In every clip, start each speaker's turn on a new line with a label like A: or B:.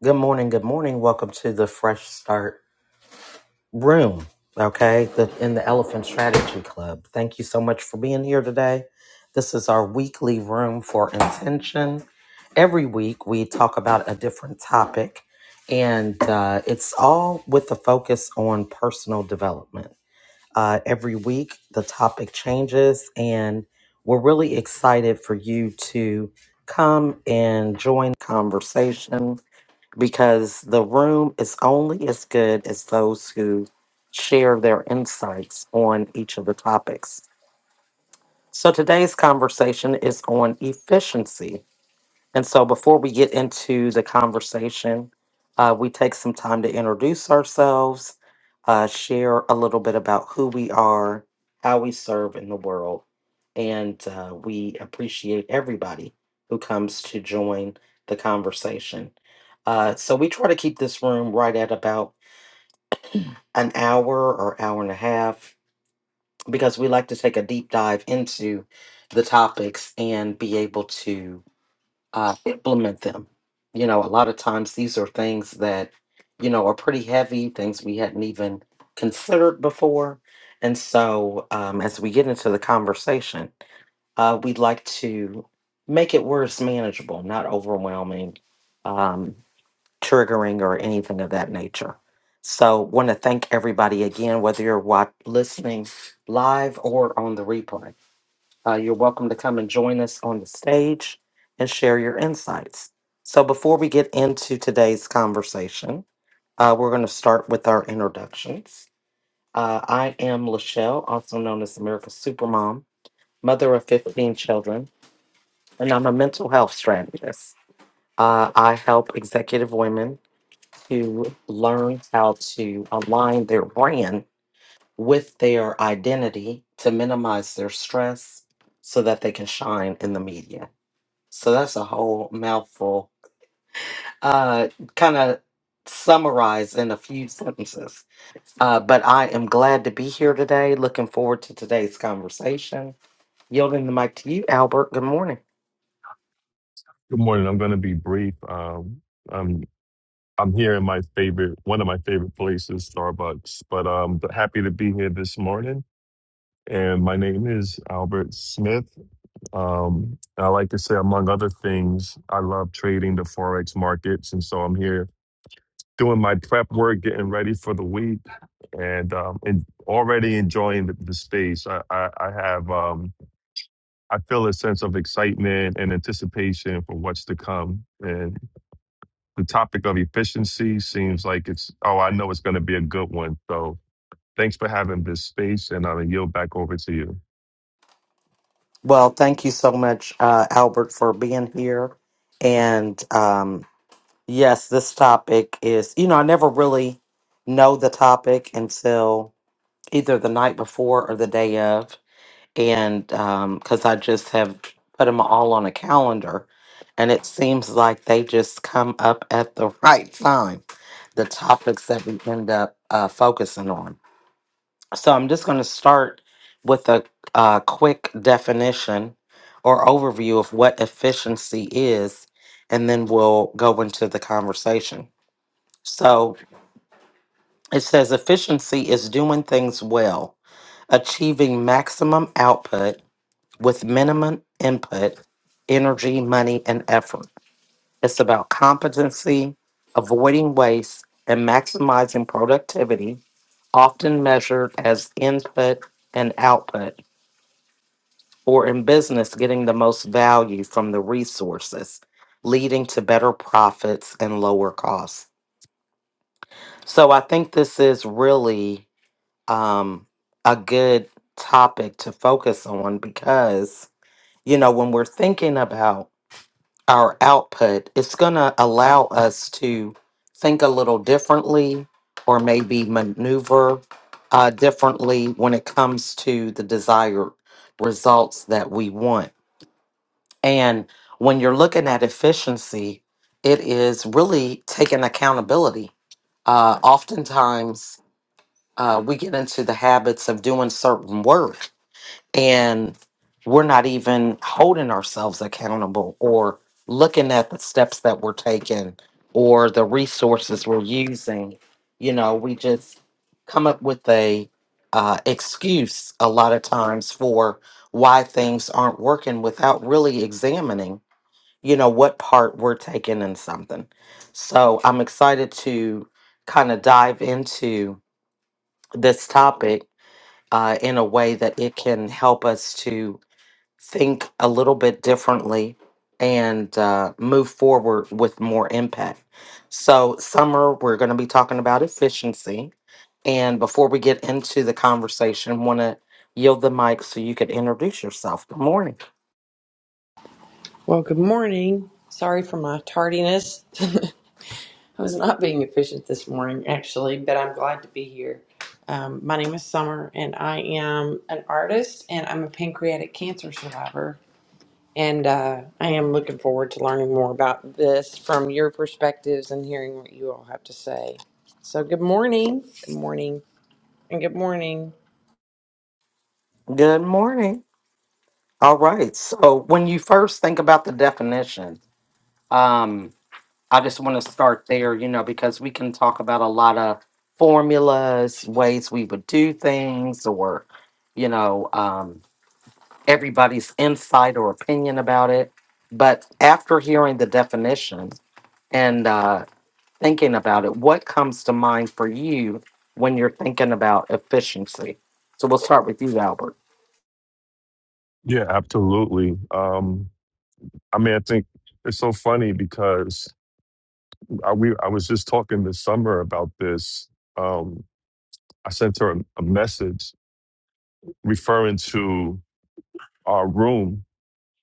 A: Good morning. Good morning. Welcome to the Fresh Start Room. Okay, the, in the Elephant Strategy Club. Thank you so much for being here today. This is our weekly room for intention. Every week we talk about a different topic, and uh, it's all with a focus on personal development. Uh, every week the topic changes, and we're really excited for you to come and join the conversation because the room is only as good as those who share their insights on each of the topics. So today's conversation is on efficiency and so before we get into the conversation, uh, we take some time to introduce ourselves, uh, share a little bit about who we are, how we serve in the world, and uh, we appreciate everybody who comes to join the conversation. Uh, so we try to keep this room right at about an hour or hour and a half because we like to take a deep dive into the topics and be able to uh, implement them. You know, a lot of times these are things that, you know, are pretty heavy, things we hadn't even considered before. And so um, as we get into the conversation, uh, we'd like to make it where it's manageable, not overwhelming, um, triggering, or anything of that nature. So, want to thank everybody again, whether you're wat- listening live or on the replay. Uh, you're welcome to come and join us on the stage and share your insights. So, before we get into today's conversation, uh, we're going to start with our introductions. Uh, I am Lachelle, also known as America's Supermom, mother of 15 children, and I'm a mental health strategist. Uh, I help executive women to learn how to align their brand with their identity to minimize their stress so that they can shine in the media. So that's a whole mouthful. Uh, kind of summarize in a few sentences. Uh, but I am glad to be here today. Looking forward to today's conversation. Yielding the mic to you, Albert. Good morning.
B: Good morning. I'm going to be brief. Um, I'm I'm here in my favorite, one of my favorite places, Starbucks. But um, but happy to be here this morning. And my name is Albert Smith. Um, I like to say, among other things, I love trading the forex markets, and so I'm here doing my prep work, getting ready for the week, and um, and already enjoying the, the space. I I, I have um, I feel a sense of excitement and anticipation for what's to come. and. the topic of efficiency seems like it's oh i know it's going to be a good one so thanks for having this space and i'll yield back over to you
A: Well, thank you so much, uh, Albert, for being here. And um, yes, this topic is, you know, I never really know the topic until either the night before or the day of and because I just have put them all on a calendar, and it seems like they just come up at the right time, the topics that we end up uh, focusing on. So I'm just going to start with a, uh quick definition or overview of what efficiency is, and then we'll go into the conversation. So it says efficiency is doing things well, achieving maximum output with minimum input, energy, money, and effort. It's about competency, avoiding waste, and maximizing productivity, often measured as input and output, or in business, getting the most value from the resources, leading to better profits and lower costs. So I think this is really um, a good topic to focus on because, you know, when we're thinking about our output, it's going to allow us to think a little differently or maybe maneuver uh, differently when it comes to the desired results that we want. And when you're looking at efficiency, it is really taking accountability. Uh, oftentimes, uh, we get into the habits of doing certain work and we're not even holding ourselves accountable or looking at the steps that we're taking or the resources we're using you know we just come up with a uh, excuse a lot of times for why things aren't working without really examining you know what part we're taking in something so i'm excited to kind of dive into this topic uh, in a way that it can help us to think a little bit differently and uh, move forward with more impact. So, summer, we're going to be talking about efficiency. And before we get into the conversation, want to yield the mic so you could introduce yourself. Good morning.
C: Well, good morning. Sorry for my tardiness. I was not being efficient this morning, actually, but I'm glad to be here. Um, my name is Summer, and I am an artist, and I'm a pancreatic cancer survivor. And uh, I am looking forward to learning more about this from your perspectives and hearing what you all have to say. So, good morning. Good morning, and good morning.
A: Good morning. All right. So, when you first think about the definition, um, I just want to start there, you know, because we can talk about a lot of formulas, ways we would do things, or you know, um, everybody's insight or opinion about it. But after hearing the definition and uh, thinking about it, what comes to mind for you when you're thinking about efficiency? So we'll start with you, Albert.
B: yeah absolutely um i mean i think it's so funny because i we i was just talking this summer about this um i sent her a, a message referring to our room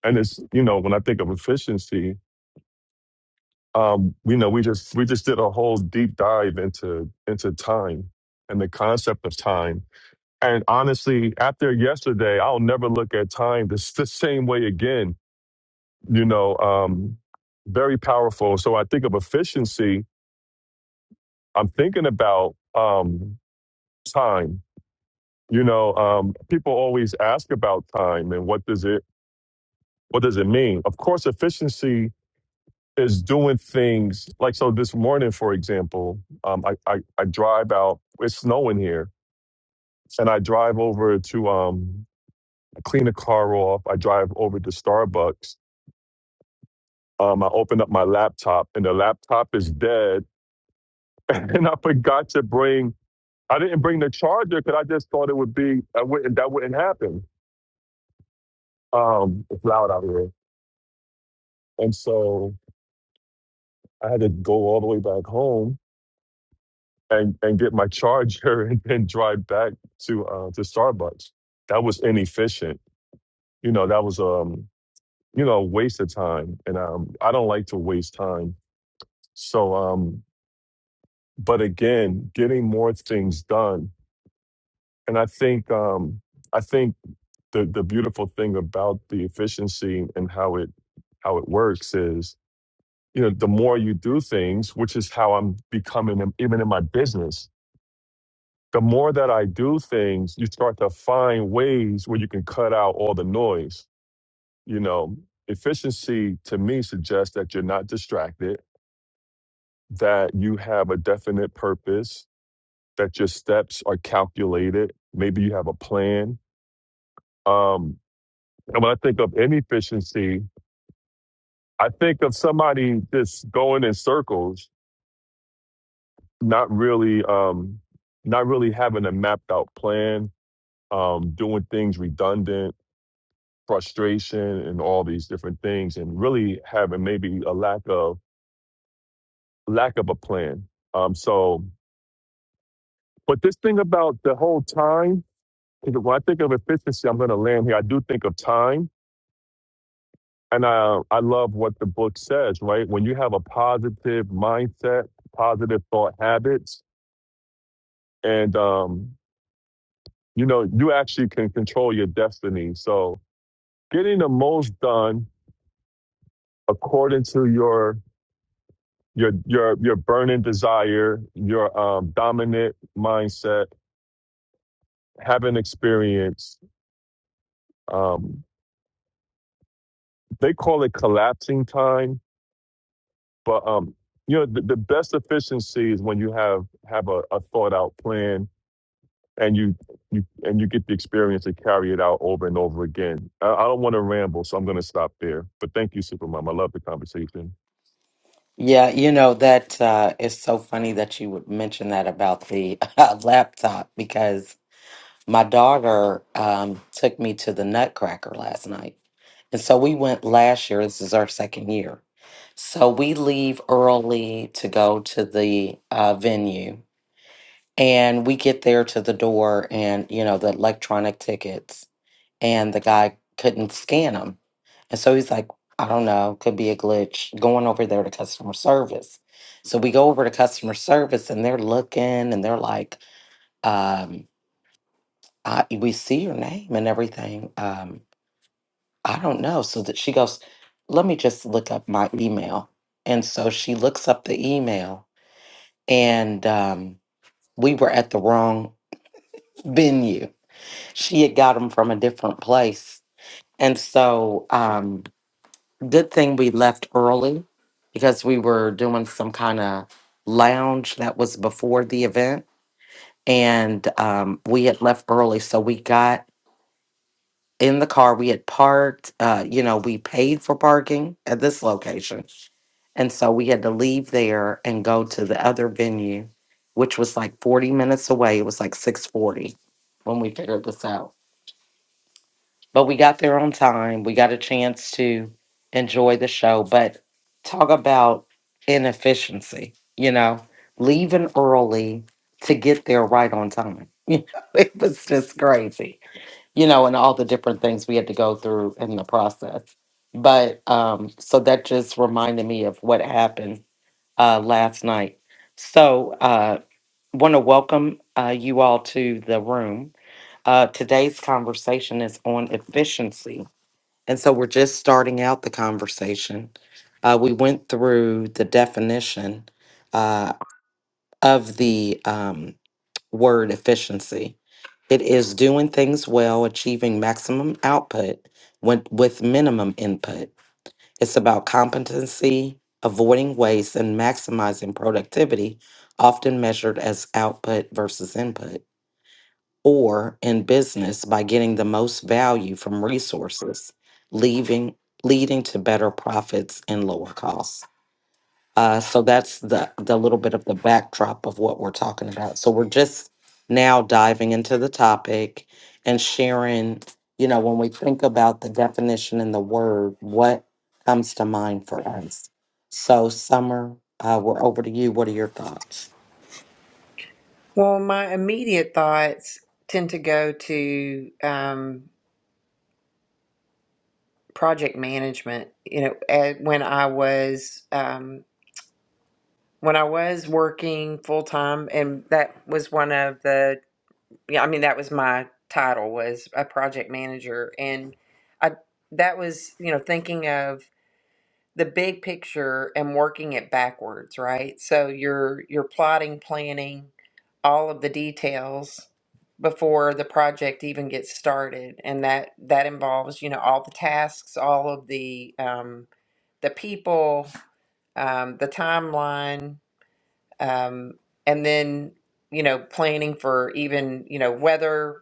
B: and it's you know when i think of efficiency um you know we just we just did a whole deep dive into into time and the concept of time And honestly, after yesterday, I'll never look at time the, s- the same way again. You know, um, very powerful. So I think of efficiency. I'm thinking about um, time. You know, um, people always ask about time and what does it what does it mean? Of course, efficiency is doing things like so. This morning, for example, um, I, I I drive out. It's snowing here, and I drive over to um, clean a car off. I drive over to Starbucks um, I opened up my laptop and the laptop is dead. And I forgot to bring, I didn't bring the charger because I just thought it would be, I wouldn't, that wouldn't happen. Um, it's loud out here. And so I had to go all the way back home and, and get my charger and then drive back to, uh, to Starbucks. That was inefficient. You know, that was, um, you know, a waste of time. And, um, I don't like to waste time. So, um, but again, getting more things done and I think um, I think the the beautiful thing about the efficiency and how it how it works is you know the more you do things, which is how I'm becoming in- even in my business. The more that I do things, you start to find ways where you can cut out all the noise. You know, efficiency to me suggests that you're not distracted, that you have a definite purpose, that your steps are calculated. Maybe you have a plan. Um, And when I think of inefficiency, I think of somebody just going in circles, not really, um, not really having a mapped out plan, um, doing things redundant, frustration, and all these different things, and really having maybe a lack of lack of a plan. Um, so, but this thing about the whole time, when I think of efficiency, I'm going to land here. I do think of time And uh, I love what the book says, right? When you have a positive mindset, positive thought habits, and um, you know, you actually can control your destiny. So getting the most done according to your your your your burning desire, your um, dominant mindset, having experience. Um, they call it collapsing time, but um, you know, the, the best efficiency is when you have have a, a thought out plan and you you and you get the experience to carry it out over and over again. I, I don't want to ramble, so I'm going to stop there. But thank you, Supermom. I love the conversation.
A: Yeah, you know, that uh, is so funny that you would mention that about the laptop because my daughter um, took me to the Nutcracker last night. And so we went last year. This is our second year. So we leave early to go to the uh, venue. And we get there to the door and, you know, the electronic tickets. And the guy couldn't scan them. And so he's like, I don't know, could be a glitch going over there to customer service. So we go over to customer service and they're looking and they're like, um, I, we see your name and everything. Um, I don't know. So that she goes, let me just look up my email. And so she looks up the email, and um, we were at the wrong venue. She had got them from a different place. And so, um, good thing we left early because we were doing some kind of lounge that was before the event. And um, we had left early. So we got in the car. We had parked, uh, you know, we paid for parking at this location. And so we had to leave there and go to the other venue, which was like 40 minutes away. It was like 640 when we figured this out. But we got there on time. We got a chance to enjoy the show. But talk about inefficiency, you know, leaving early to get there right on time. it was just crazy you know, and all the different things we had to go through in the process. But um, so that just reminded me of what happened uh, last night. So, uh, want to welcome uh, you all to the room. Uh, today's conversation is on efficiency. And so we're just starting out the conversation. Uh, we went through the definition uh, of the um, word efficiency. It is doing things well, achieving maximum output with, with minimum input. It's about competency, avoiding waste, and maximizing productivity, often measured as output versus input, or in business by getting the most value from resources, leaving, leading to better profits and lower costs. Uh, so that's the the little bit of the backdrop of what we're talking about. So we're just now diving into the topic and sharing, you know, when we think about the definition and the word, what comes to mind for us. So, Summer, uh, we're over to you. What are your thoughts?
C: Well, my immediate thoughts tend to go to. Um, project management you know at, when i was um, when i was working full-time and that was one of the yeah i mean that was my title was a project manager and i that was you know thinking of the big picture and working it backwards, right? So you're you're plotting, planning all of the details before the project even gets started, and that that involves you know all the tasks, all of the um, the people, um, the timeline, um, and then you know planning for even you know weather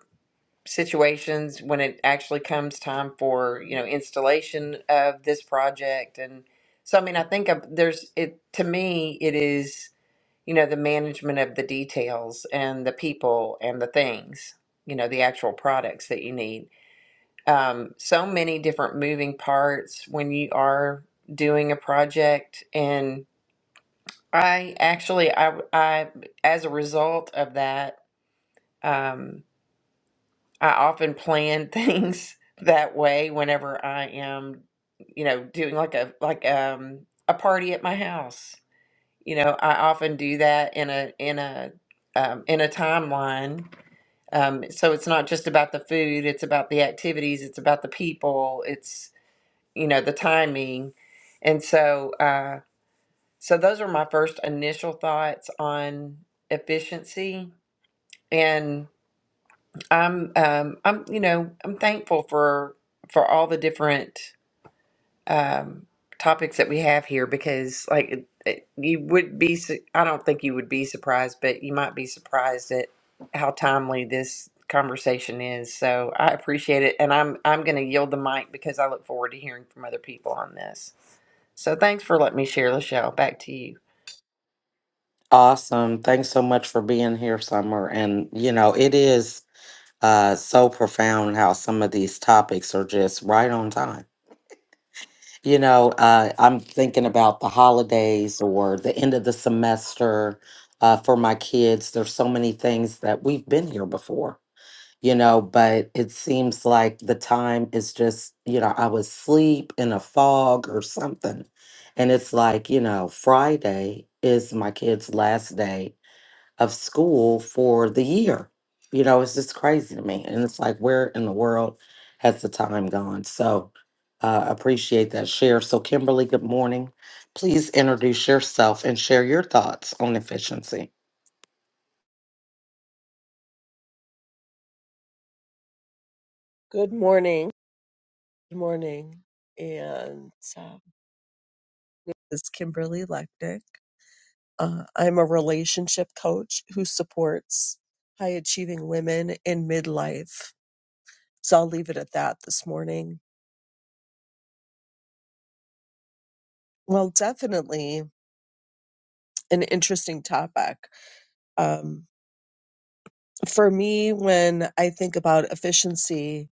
C: situations when it actually comes time for you know installation of this project and so i mean i think of, there's it to me it is you know the management of the details and the people and the things you know the actual products that you need um, so many different moving parts when you are doing a project and i actually i i as a result of that um, I often plan things that way whenever I am, you know, doing like a like um a party at my house. You know, I often do that in a in a um, in a timeline. Um, so it's not just about the food; it's about the activities, it's about the people, it's you know the timing, and so uh, so those are my first initial thoughts on efficiency and. I'm um I'm you know I'm thankful for for all the different um topics that we have here because like it, it, you would be su- I don't think you would be surprised but you might be surprised at how timely this conversation is so I appreciate it and I'm I'm going to yield the mic because I look forward to hearing from other people on this. So thanks for letting me share Lachelle back to you.
A: Awesome. Thanks so much for being here, Summer. And, you know, it is uh, so profound how some of these topics are just right on time You know, uh, I'm thinking about the holidays or the end of the semester uh, for my kids. There's so many things that we've been here before, you know, but it seems like the time is just, you know, I was asleep in a fog or something. And it's like, you know, Friday is my kid's last day of school for the year. You know, it's just crazy to me. And it's like, where in the world has the time gone? So uh, appreciate that share. So, Kimberly, good morning. Please introduce yourself and share your thoughts on efficiency.
D: Good morning. Good morning. And um, this is Kimberly Lechnick. Uh, I'm a relationship coach who supports high achieving women in midlife. So I'll leave it at that this morning. Well, definitely an interesting topic. Um, for me, when I think about efficiency,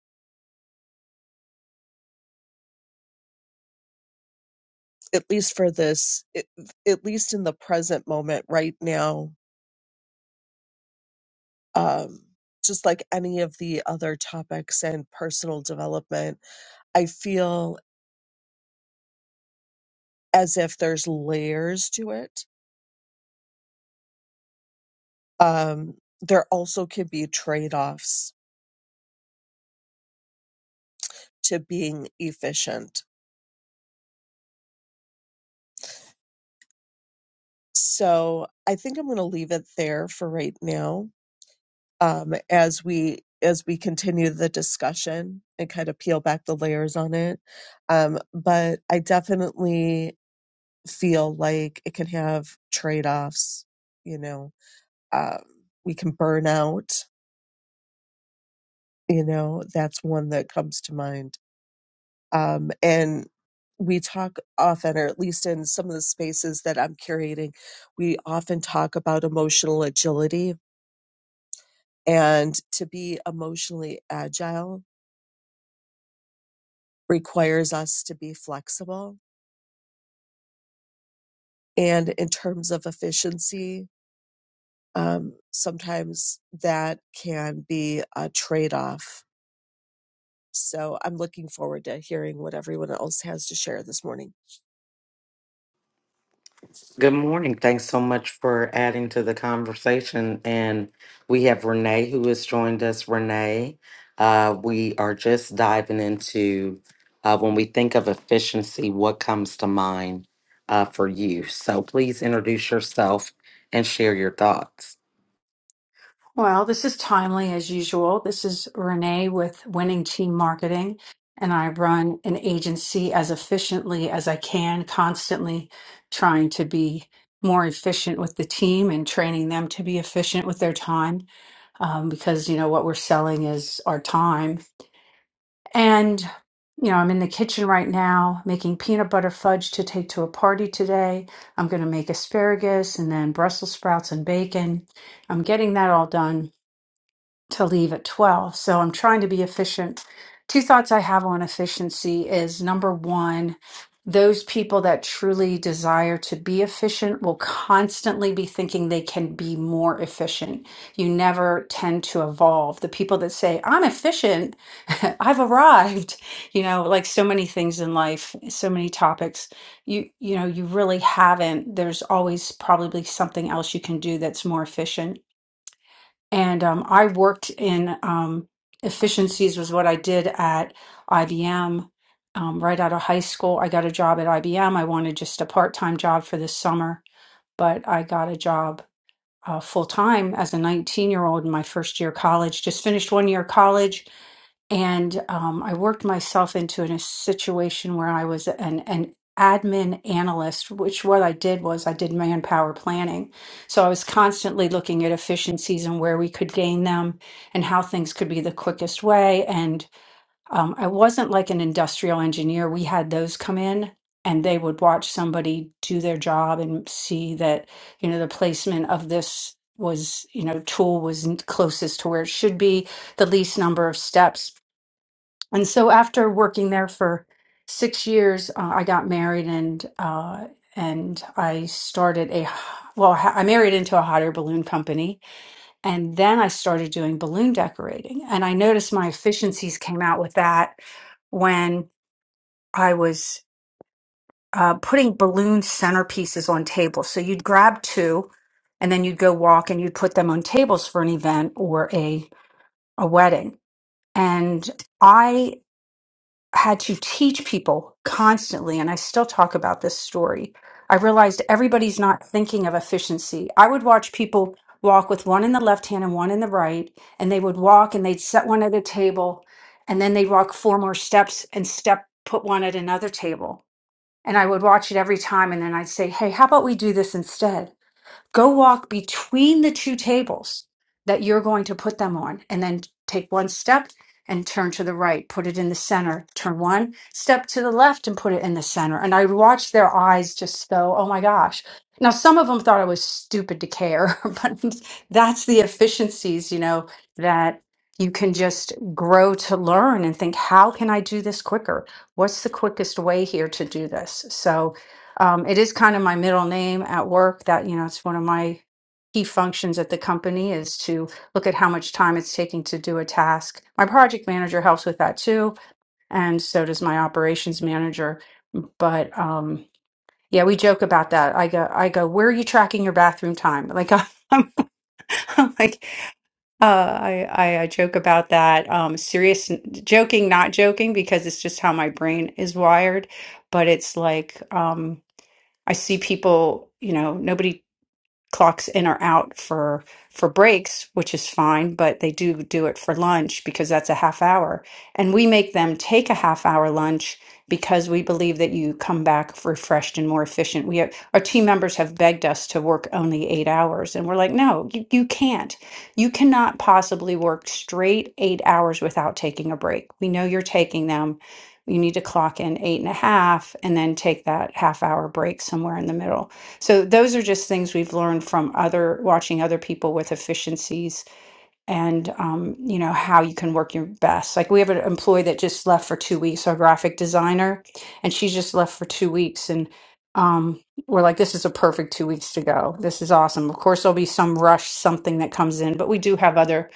D: at least for this, it, at least in the present moment right now, um, just like any of the other topics and personal development, I feel as if there's layers to it. Um, there also can be trade offs to being efficient. So I think I'm going to leave it there for right now. Um, as we as we continue the discussion and kind of peel back the layers on it, um, but I definitely feel like it can have trade offs. You know, um, we can burn out. You know, that's one that comes to mind. Um, and we talk often, or at least in some of the spaces that I'm curating, we often talk about emotional agility. And to be emotionally agile requires us to be flexible. And in terms of efficiency, um, sometimes that can be a trade off. So I'm looking forward to hearing what everyone else has to share this morning.
A: Good morning. Thanks so much for adding to the conversation. And we have Renee who has joined us. Renee, uh, we are just diving into uh, when we think of efficiency, what comes to mind uh, for you? So please introduce yourself and share your thoughts.
E: Well, this is timely as usual. This is Renee with Winning Team Marketing, and I run an agency as efficiently as I can, constantly trying to be more efficient with the team and training them to be efficient with their time um, because, you know, what we're selling is our time. And, you know, I'm in the kitchen right now making peanut butter fudge to take to a party today. I'm going to make asparagus and then Brussels sprouts and bacon. I'm getting that all done to leave at 12. So I'm trying to be efficient. Two thoughts I have on efficiency is number one, those people that truly desire to be efficient will constantly be thinking they can be more efficient. You never tend to evolve. The people that say, I'm efficient, I've arrived, you know, like so many things in life, so many topics, you, you know, you really haven't. There's always probably something else you can do that's more efficient. And um, I worked in um, efficiencies was what I did at IBM. Um, right out of high school, I got a job at IBM. I wanted just a part-time job for the summer, but I got a job uh, full time as a 19 year old in my first year of college. Just finished one year of college, and um, I worked myself into an- a situation where I was an, an admin analyst, which what I did was I did manpower planning. So I was constantly looking at efficiencies and where we could gain them and how things could be the quickest way. Um, I wasn't like an industrial engineer. We had those come in and they would watch somebody do their job and see that, you know, the placement of this was, you know, tool was n- closest to where it should be, the least number of steps. And so after working there for six years, uh, I got married and, uh, and I started a, h- well, h- I married into a hot air balloon company and then I started doing balloon decorating. And I noticed my efficiencies came out with that when I was uh, putting balloon centerpieces on tables. So you'd grab two and then you'd go walk and you'd put them on tables for an event or a, a wedding. And I. had to teach people constantly, and I still talk about this story. I realized everybody's not thinking of efficiency. I would watch people walk with one in the left hand and one in the right, and they would walk and they'd set one at a table, and then they'd walk four more steps and step, put one at another table. And I would watch it every time, and then I'd say, Hey, how about we do this instead? Go walk between the two tables that you're going to put them on, and then take one step and turn to the right, put it in the center, turn one step to the left and put it in the center. And I watched their eyes just go, oh my gosh. Now, some of them thought I was stupid to care, but that's the efficiencies, you know, that you can just grow to learn and think, how can I do this quicker? What's the quickest way here to do this? So, um, it is kind of my middle name at work that, you know, it's one of my key functions at the company is to look at how much time it's taking to do a task. My project manager helps with that too, and so does my operations manager. But um, yeah, we joke about that. I go, I go, where are you tracking your bathroom time? Like I'm, I'm like, uh, I, I, I joke about that. Um, serious joking, not joking, because it's just how my brain is wired. But it's like, um, I see people, you know, nobody clocks in or out for for breaks, which is fine, but they do do it for lunch because that's a half hour. And we make them take a half hour lunch because we believe that you come back refreshed and more efficient. We have, our team members have begged us to work only 8 hours and we're like, "No, you, you can't. You cannot possibly work straight 8 hours without taking a break. We know you're taking them. You need to clock in eight and a half and then take that half hour break somewhere in the middle so those are just things we've learned from other watching other people with efficiencies and um, you know how you can work your best. Like we have an employee that just left for two weeks, our graphic designer, and she just left for two weeks and um, we're like, this is a perfect two weeks to go. This is awesome. Of course, there'll be some rush, something that comes in, but we do have other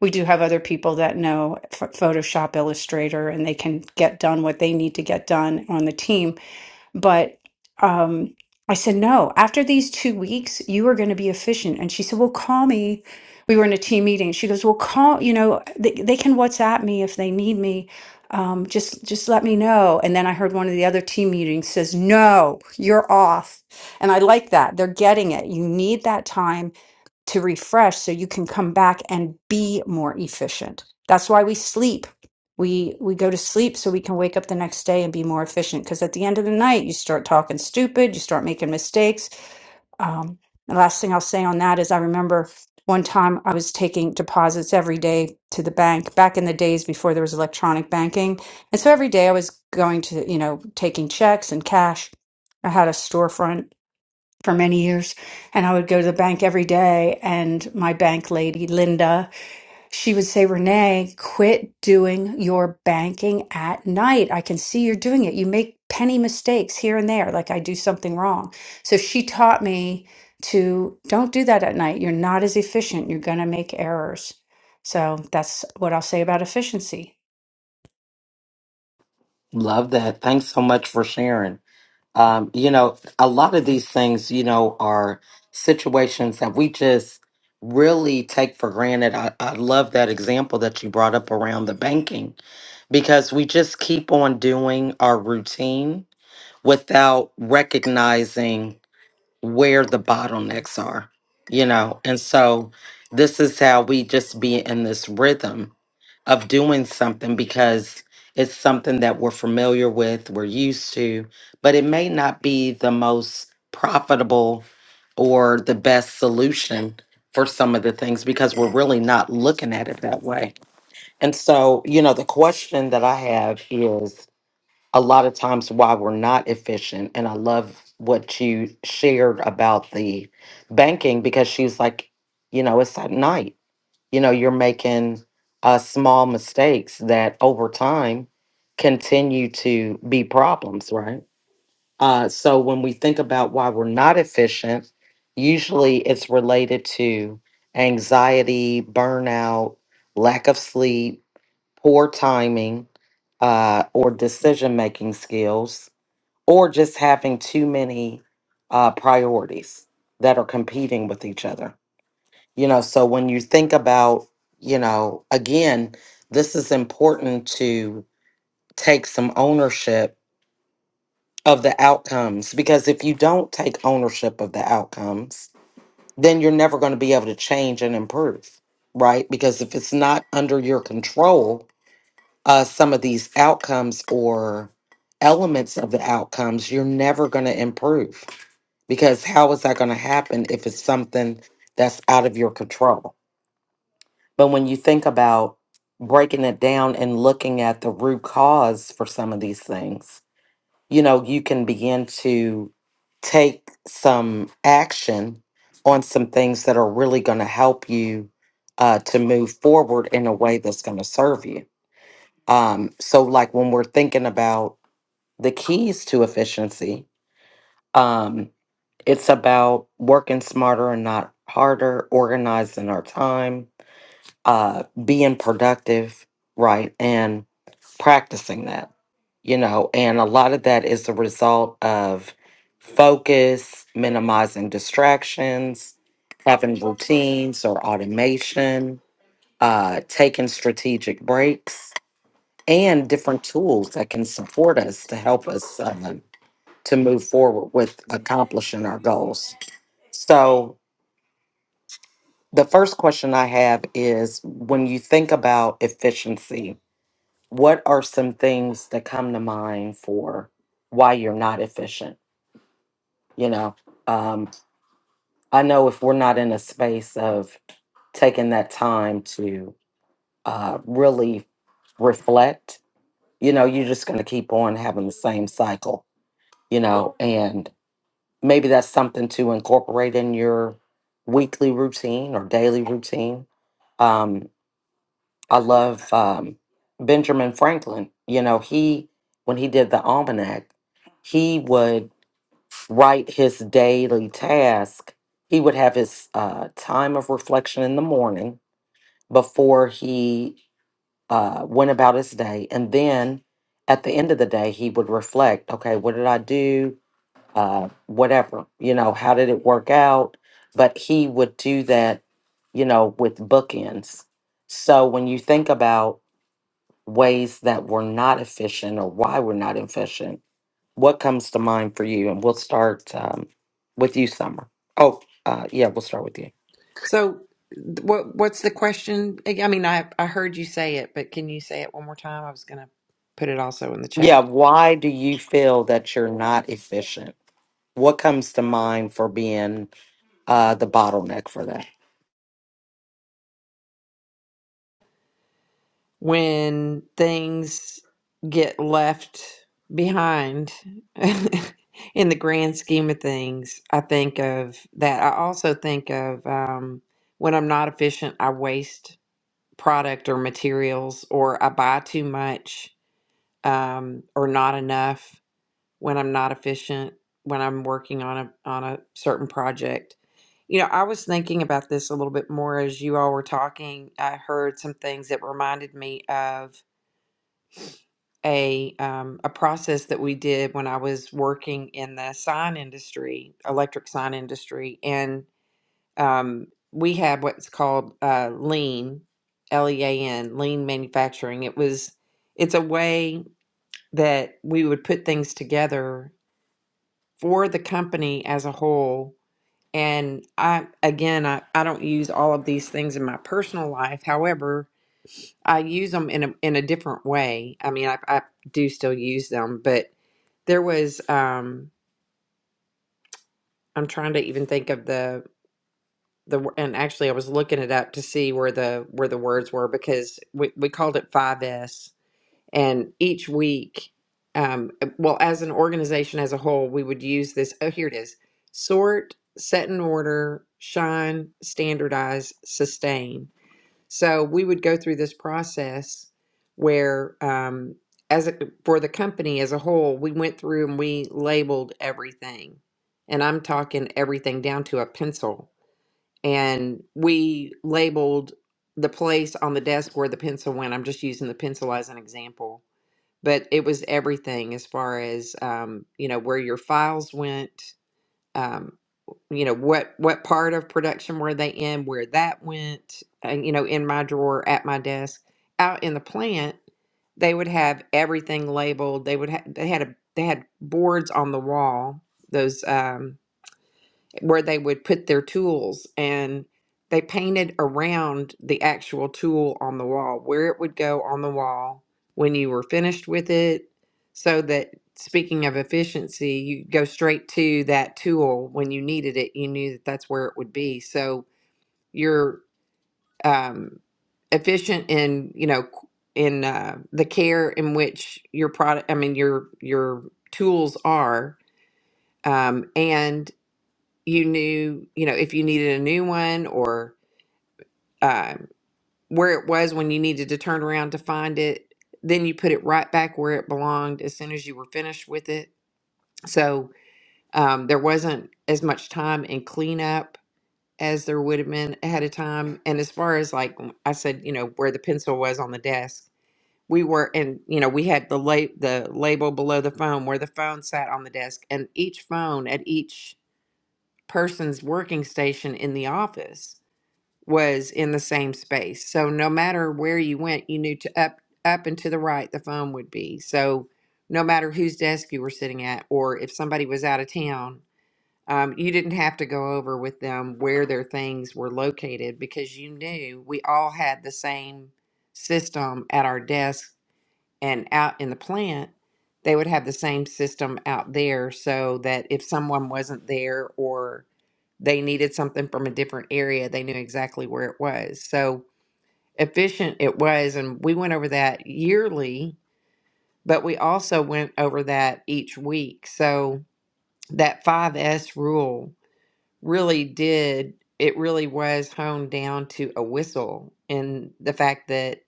E: we do have other people that know Ph- Photoshop, Illustrator, and they can get done what they need to get done on the team but um, I said, no, after these two weeks, you are going to be efficient. And she said, well, call me. We were in a team meeting. She goes, well, call, you know, they, they can WhatsApp me if they need me. Um, just, just let me know. And then I heard one of the other team meetings says, no, you're off. And I like that. They're getting it. You need that time to refresh so you can come back and be more efficient. That's why we sleep. We we go to sleep so we can wake up the next day and be more efficient. Because at the end of the night, you start talking stupid, you start making mistakes. Um, the last thing I'll say on that is I remember one time I was taking deposits every day to the bank back in the days before there was electronic banking, and so every day I was going to you know taking checks and cash. I had a storefront for many years and I would go to the bank every day and my bank lady Linda she would say Renee quit doing your banking at night I can see you're doing it you make penny mistakes here and there like I do something wrong so she taught me to don't do that at night you're not as efficient you're going to make errors so that's what I'll say about efficiency
A: Love that. Thanks so much for sharing. Um, you know, a lot of these things, you know, are situations that we just really take for granted. I, I love that example that you brought up around the banking because we just keep on doing our routine without recognizing where the bottlenecks are, you know. And so this is how we just be in this rhythm of doing something because it's something that we're familiar with, we're used to, but it may not be the most profitable or the best solution for some of the things because we're really not looking at it that way. And so, you know, the question that I have is a lot of times why we're not efficient. And I love what you shared about the banking because she's like, you know, it's at night. You know, you're making uh, small mistakes that over time continue to be problems, right? Uh, so when we think about why we're not efficient, usually it's related to anxiety, burnout, lack of sleep poor timing, uh, or decision making skills, or just having too many uh, priorities that are competing with each other. You know, so when you think about, you know, again, this is important to take some ownership of the outcomes because if you don't take ownership of the outcomes, then you're never going to be able to change and improve, right? Because if it's not under your control, uh, some of these outcomes or elements of the outcomes, you're never going to improve because how is that going to happen if it's something that's out of your control? But when you think about breaking it down and looking at the root cause for some of these things, you know, you can begin to take some action on some things that are really going to help you uh, to move forward in a way that's going to serve you um, so like when we're thinking about the keys to efficiency, um, it's about working smarter and not harder, organizing our time, uh, being productive, right, and practicing that, you know, and a lot of that is a result of focus, minimizing distractions, having routines or automation, uh, taking strategic breaks and different tools that can support us to help us um, to move forward with accomplishing our goals. So, the first question I have is when you think about efficiency, what are some things that come to mind for why you're not efficient? You know, um, I know if we're not in a space of taking that time to uh, really reflect, you know, you're just going to keep on having the same cycle, you know, and maybe that's something to incorporate in your weekly routine or daily routine. Um, I love um, Benjamin Franklin. You know, he, when he did the almanac, he would write his daily task. He would have his uh, time of reflection in the morning before he uh, went about his day. And then at the end of the day, he would reflect okay, what did I do? uh, whatever, you know, how did it work out? But he would do that, you know, with bookends. So when you think about ways that we're not efficient or why we're not efficient, what comes to mind for you? And we'll start um, with you, Summer. Oh, uh, yeah, we'll start with you.
C: So, what what's the question? I mean, I I heard you say it, but can you say it one more time? I was gonna put it also in the
A: Yeah,
C: chat.
A: why do you feel that you're not efficient? What comes to mind for being uh, the bottleneck for that?
C: When things get left behind in the grand scheme of things, I think of that. I also think of um, when I'm not efficient, I waste product or materials, or I buy too much um, or not enough when I'm not efficient, when I'm working on a on a certain project. You know, I was thinking about this a little bit more as you all were talking. I heard some things that reminded me of a um, a process that we did when I was working in the sign industry, electric sign industry, and um, we had what's called uh, lean, L E A N, lean manufacturing. It was it's a way that we would put things together for the company as a whole. And I, again, I, I don't use all of these things in my personal life. However, I use them in a, in a different way. I mean, I, I do still use them, but there was, um, I'm trying to even think of the, the, wo- and actually I was looking it up to see where the, where the words were because we, we called it five S. And each week, um, uh, well, as an organization as a whole, we would use this. Oh, here it is sort, set in order, shine, standardize, sustain. So we would go through this process where, um, as a, for the company as a whole, we went through and we labeled everything. And I'm talking everything down to a pencil. And we labeled the place on the desk where the pencil went. I'm just using the pencil as an example but it was everything as far as um, you know where your files went um, you know what what part of production were they in where that went and you know in my drawer at my desk out in the plant they would have everything labeled they would ha- they had a they had boards on the wall those um, where they would put their tools and they painted around the actual tool on the wall where it would go on the wall when you were finished with it so that speaking of efficiency you go straight to that tool when you needed it you knew that that's where it would be so you're um, efficient in you know qu- in uh, the care in which your product i mean your your tools are um, and you knew, you know, if you needed a new one or um, where it was when you needed to turn around to find it. Then you put it right back where it belonged as soon as you were finished with it. So um, there wasn't as much time in cleanup as there would have been ahead of time. And as far as like I said, you know, where the pencil was on the desk, we were, and you know, we had the la- the label below the phone where the phone sat on the desk, and each phone at each person's working station in the office was in the same space. So no matter where you went, you knew to up up and to the right the phone would be. So no matter whose desk you were sitting at, or if somebody was out of town, um, you didn't have to go over with them where their things were located because you knew we all had the same system at our desk and out in the plant. They would have the same system out there so that if someone wasn't there or they needed something from a different area, they knew exactly where it was. So efficient it was. And we went over that yearly, but we also went over that each week. So that five S rule really did, it really was honed down to a whistle and the fact that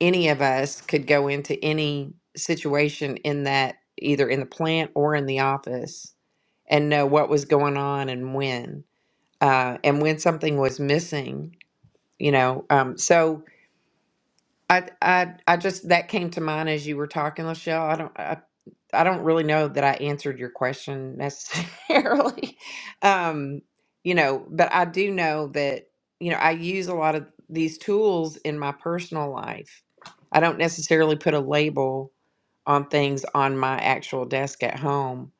C: any of us could go into any situation in that either in the plant or in the office and know what was going on and when uh, and when something was missing you know um so i i i just that came to mind as you were talking lachelle i don't i, I don't really know that i answered your question necessarily um you know but i do know that you know i use a lot of these tools in my personal life i don't necessarily put a label on things on my actual desk at home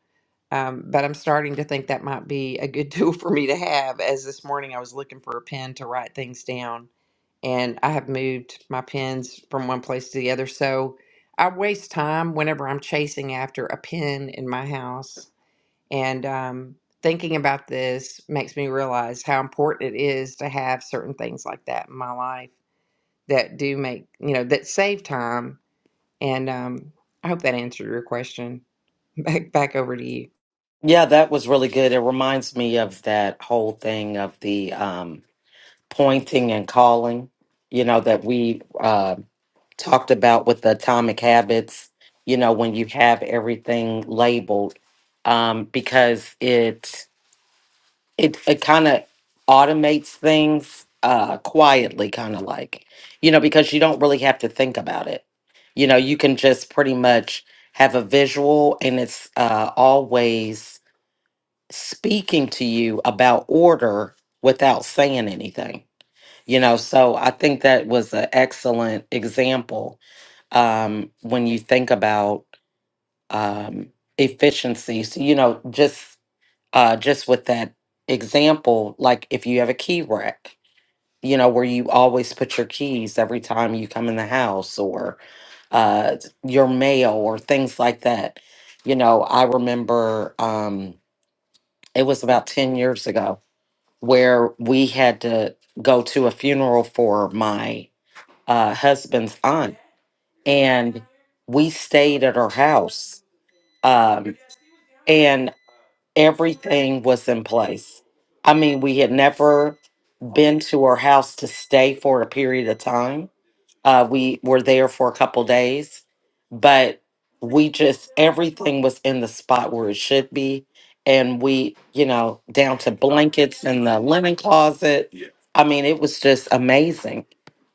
C: um, but i'm starting to think that might be a good tool for me to have as this morning i was looking for a pen to write things down and I have moved my pins from one place to the other. So I waste time whenever I'm chasing after a pin in my house. And um, thinking about this makes me realize how important it is to have certain things like that in my life that do make, you know, that save time. And um, I hope that answered your question. Back, back over to you.
A: Yeah, that was really good. It reminds me of that whole thing of the um, pointing and calling, you know, that we uh, talked about with the atomic habits, you know, when you have everything labeled, um, because it it, it kind of automates things uh, quietly, kind of like, you know, because you don't really have to think about it. You know, you can just pretty much have a visual and it's uh, always speaking to you about order without saying anything. You know, so I think that was an excellent example um, when you think about um, efficiency. So, you know, just uh, just with that example, like if you have a key rack, you know, where you always put your keys every time you come in the house or uh, your mail or things like that. You know, I remember um, it was about 10 years ago where we had to go to a funeral for my uh, husband's aunt, and we stayed at her house, um, and everything was in place. I mean, we had never been to her house to stay for a period of time uh, we were there for a couple days, but we just everything was in the spot where it should be, and we, you know, down to blankets in the linen closet. Yeah. I mean, it was just amazing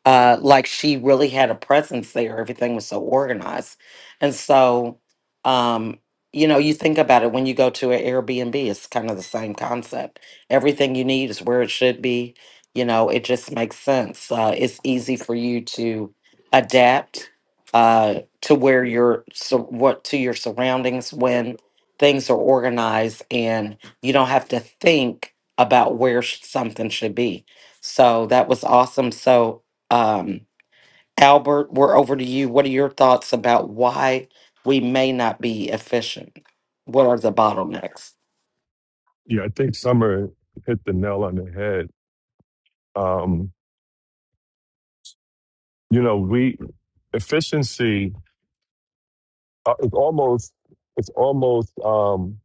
A: uh, like she really had a presence there. Everything was so organized. And so, um, you know, you think about it when you go to an Airbnb, it's kind of the same concept. Everything you need is where it should be. You know, it just makes sense. Uh, it's easy for you to adapt uh, to where you're, so what to your surroundings when things are organized and you don't have to think about where sh- something should be. So that was awesome. So, um, Albert, we're over to you. What are your thoughts about why we may not be efficient? What are the bottlenecks?
B: Yeah, I think Summer hit the nail on the head. Um, you know, we efficiency uh, it's almost it's almost um,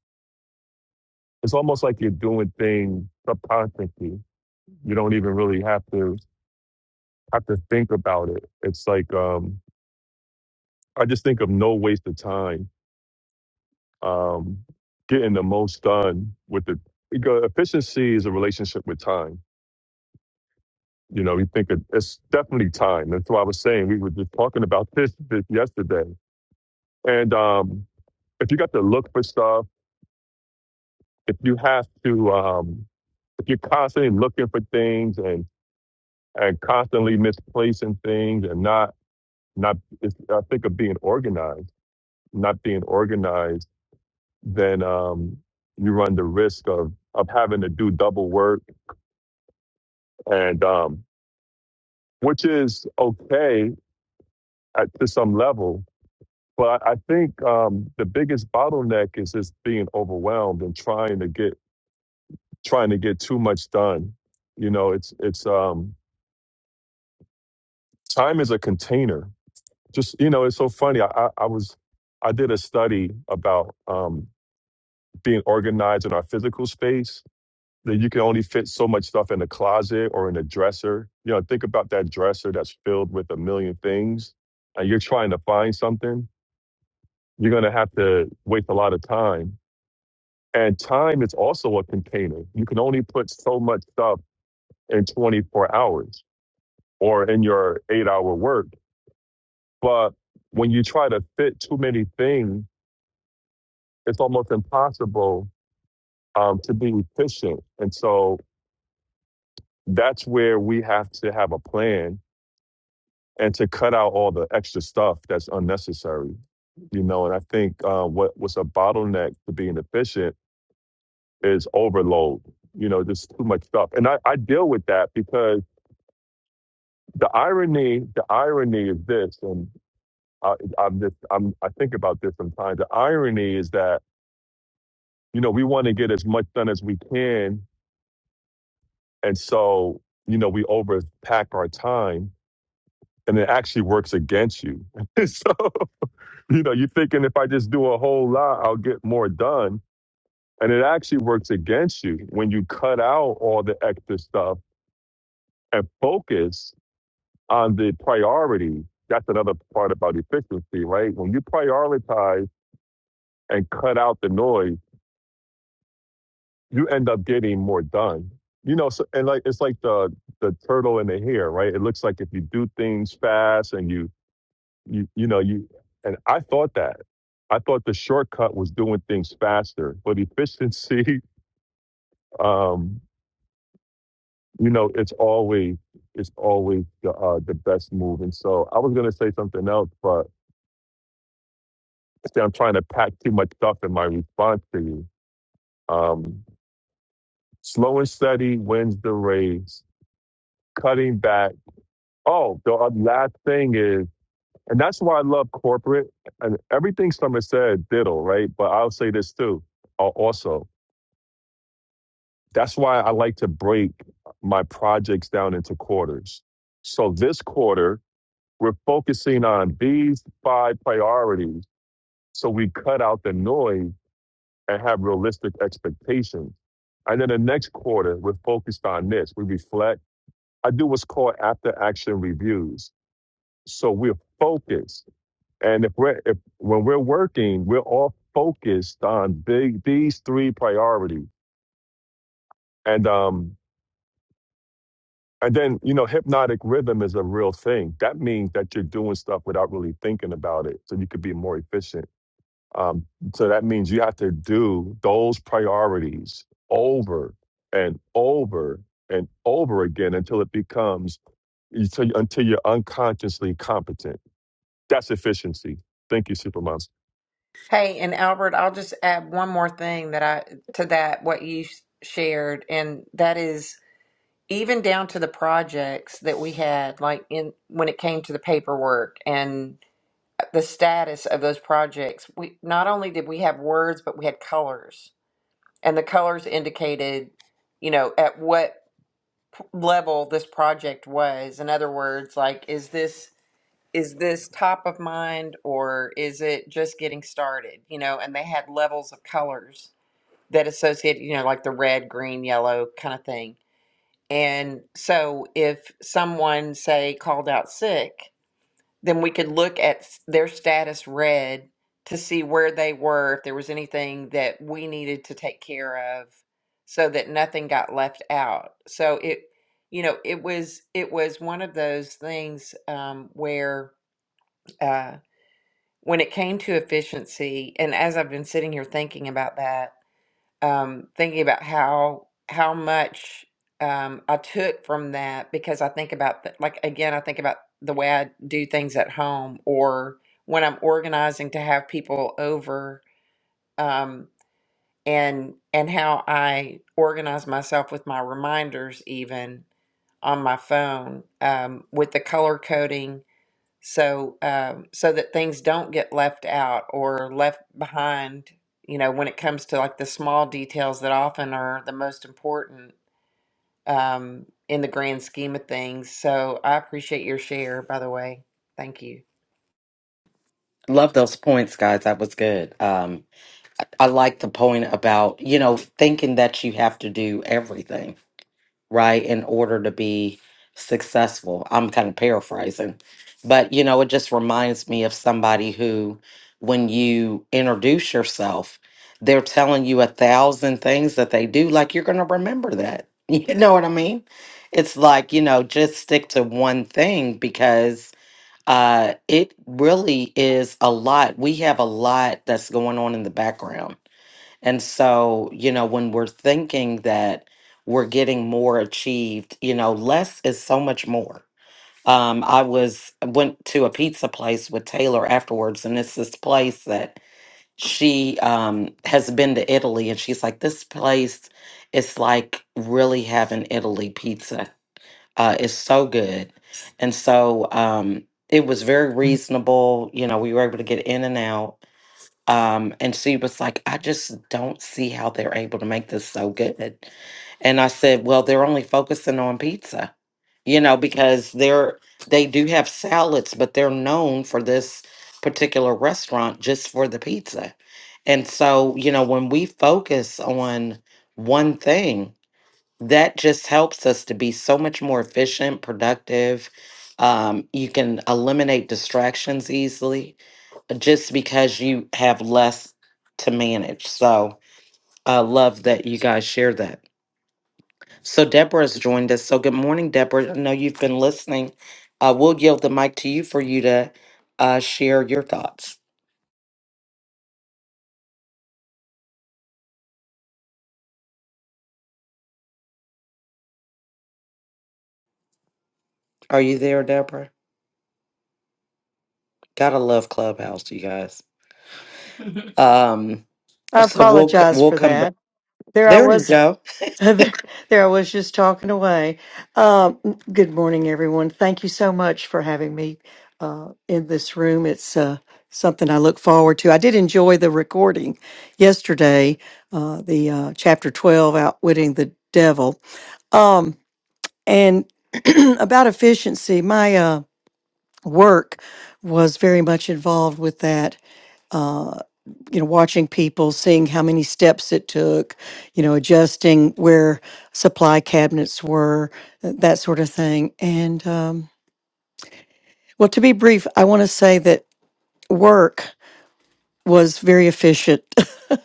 B: it's almost like you're doing things subconsciously. You don't even really have to have to think about it. It's like um, I just think of no waste of time um, getting the most done with the because efficiency is a relationship with time. You know, we think it, it's definitely time. That's what I was saying. We were just talking about this, this yesterday. And um, if you got to look for stuff, if you have to, um, if you're constantly looking for things and and constantly misplacing things and not not, it's, I think of being organized, not being organized, then um, you run the risk of of having to do double work and um, which is okay at, to some level. But I I think um, the biggest bottleneck is just being overwhelmed and trying to get trying to get too much done. You know, it's it's um, time is a container. Just you know, it's so funny. I, I, I was I did a study about um, being organized in our physical space, that you can only fit so much stuff in a closet or in a dresser. You know, think about that dresser that's filled with a million things and you're trying to find something, you're going to have to waste a lot of time. And time is also a container. You can only put so much stuff in 24 hours or in your eight hour work. But when you try to fit too many things, it's almost impossible um, to be efficient. And so that's where we have to have a plan and to cut out all the extra stuff that's unnecessary. You know, and I think uh, what was a bottleneck to being efficient is overload. You know, just too much stuff, and I, I deal with that because the irony, the irony is this, and I, I'm just, I'm, I think about this sometimes. The irony is that you know we want to get as much done as we can, and so you know we overpack our time, and it actually works against you. so You know, you're thinking if I just do a whole lot, I'll get more done. And it actually works against you when you cut out all the extra stuff and focus on the priority. That's another part about efficiency, right? When you prioritize and cut out the noise, you end up getting more done. You know, so, and like it's like the the turtle and the hare, right? It looks like if you do things fast and you you you know you and i thought that i thought the shortcut was doing things faster but efficiency um you know it's always it's always the uh the best move and so i was going to say something else but see, i'm trying to pack too much stuff in my response to you um slow and steady wins the race cutting back oh the uh, last thing is and that's why i love corporate and everything summer said diddle right but i'll say this too uh, also That's why I like to break my projects down into quarters. So this quarter, we're focusing on these five priorities. So we cut out the noise and have realistic expectations. And then the next quarter, we're focused on this. We reflect. I do what's called after action reviews. So we're focused. And if we're, if, when we're working, we're all focused on big, these three priorities. And, um, And then, you know, hypnotic rhythm is a real thing. That means that you're doing stuff without really thinking about it, so you could be more efficient. Um, so that means you have to do those priorities over and over and over again until it becomes until, until you're unconsciously competent. That's efficiency. Thank you, Supermoms.
C: Hey, and Albert, I'll just add one more thing that I to that what you s- shared, and that is even down to the projects that we had like in when it came to the paperwork and the status of those projects we not only did we have words but we had colors and the colors indicated you know at what p- level this project was in other words like is this is this top of mind or is it just getting started you know and they had levels of colors that associated you know like the red green yellow kind of thing and so if someone, say, called out sick, then we could look at s- their status read to see where they were, if there was anything that we needed to take care of so that nothing got left out. So it, you know, it was it was one of those things um, where uh, when it came to efficiency, and as I've been sitting here thinking about that, um, thinking about how how much um, I took from that because I think about th- like again I think about the way I do things at home or when I'm organizing to have people over um, and and how I organize myself with my reminders even on my phone um, with the color coding so um, so that things don't get left out or left behind you know when it comes to like the small details that often are the most important um, in the grand scheme of things so i appreciate your share by the way thank you
A: Love those points, guys. That was good. Um, I like the point about, you know, thinking that you have to do everything. right, in order to be successful. I'm kind of paraphrasing, but you know, it just reminds me of somebody who, when you introduce yourself, they're telling you a thousand things that they do, like you're going to remember that. You know what I mean? It's like, you know, just stick to one thing because uh, it really is a lot. We have a lot that's going on in the background and so, you know, when we're thinking that we're getting more achieved, you know, less is so much more. Um, I was went to a pizza place with Taylor afterwards, and it's this place that she um has been to Italy, and she's like, this place is like really having Italy pizza. Uh, it's so good, and so um, it was very reasonable. You know, we were able to get in and out um, and she was like, I just don't see how they're able to make this so good. And I said, Well, they're only focusing on pizza, you know, because they're they do have salads, but they're known for this particular restaurant just for the pizza. And so, you know, when we focus on one thing, that just helps us to be so much more efficient, productive. Um, you can eliminate distractions easily just because you have less to manage. So I love that you guys share that. So Deborah's joined us. So good morning, Deborah. I know you've been listening. Uh, we'll yield the mic to you for you to uh, share your thoughts. Are you there, Deborah? Gotta love Clubhouse, you guys. Um,
F: I
A: so we'll c-
F: apologize
A: we'll
F: for
A: come back.
F: that. There I
A: There you
F: was.
A: go.
F: There, there I was just talking away. Um, good morning, everyone. Thank you so much for having me uh, in this room. It's uh, something I look forward to. I did enjoy the recording yesterday, uh, the uh, chapter 12, Outwitting the Devil. Um, and about efficiency, my uh, work was very much involved with that uh, you know, watching people, seeing how many steps it took, you know, adjusting where supply cabinets were, th- that sort of thing. And um, well, to be brief, I want to say that work was very efficient,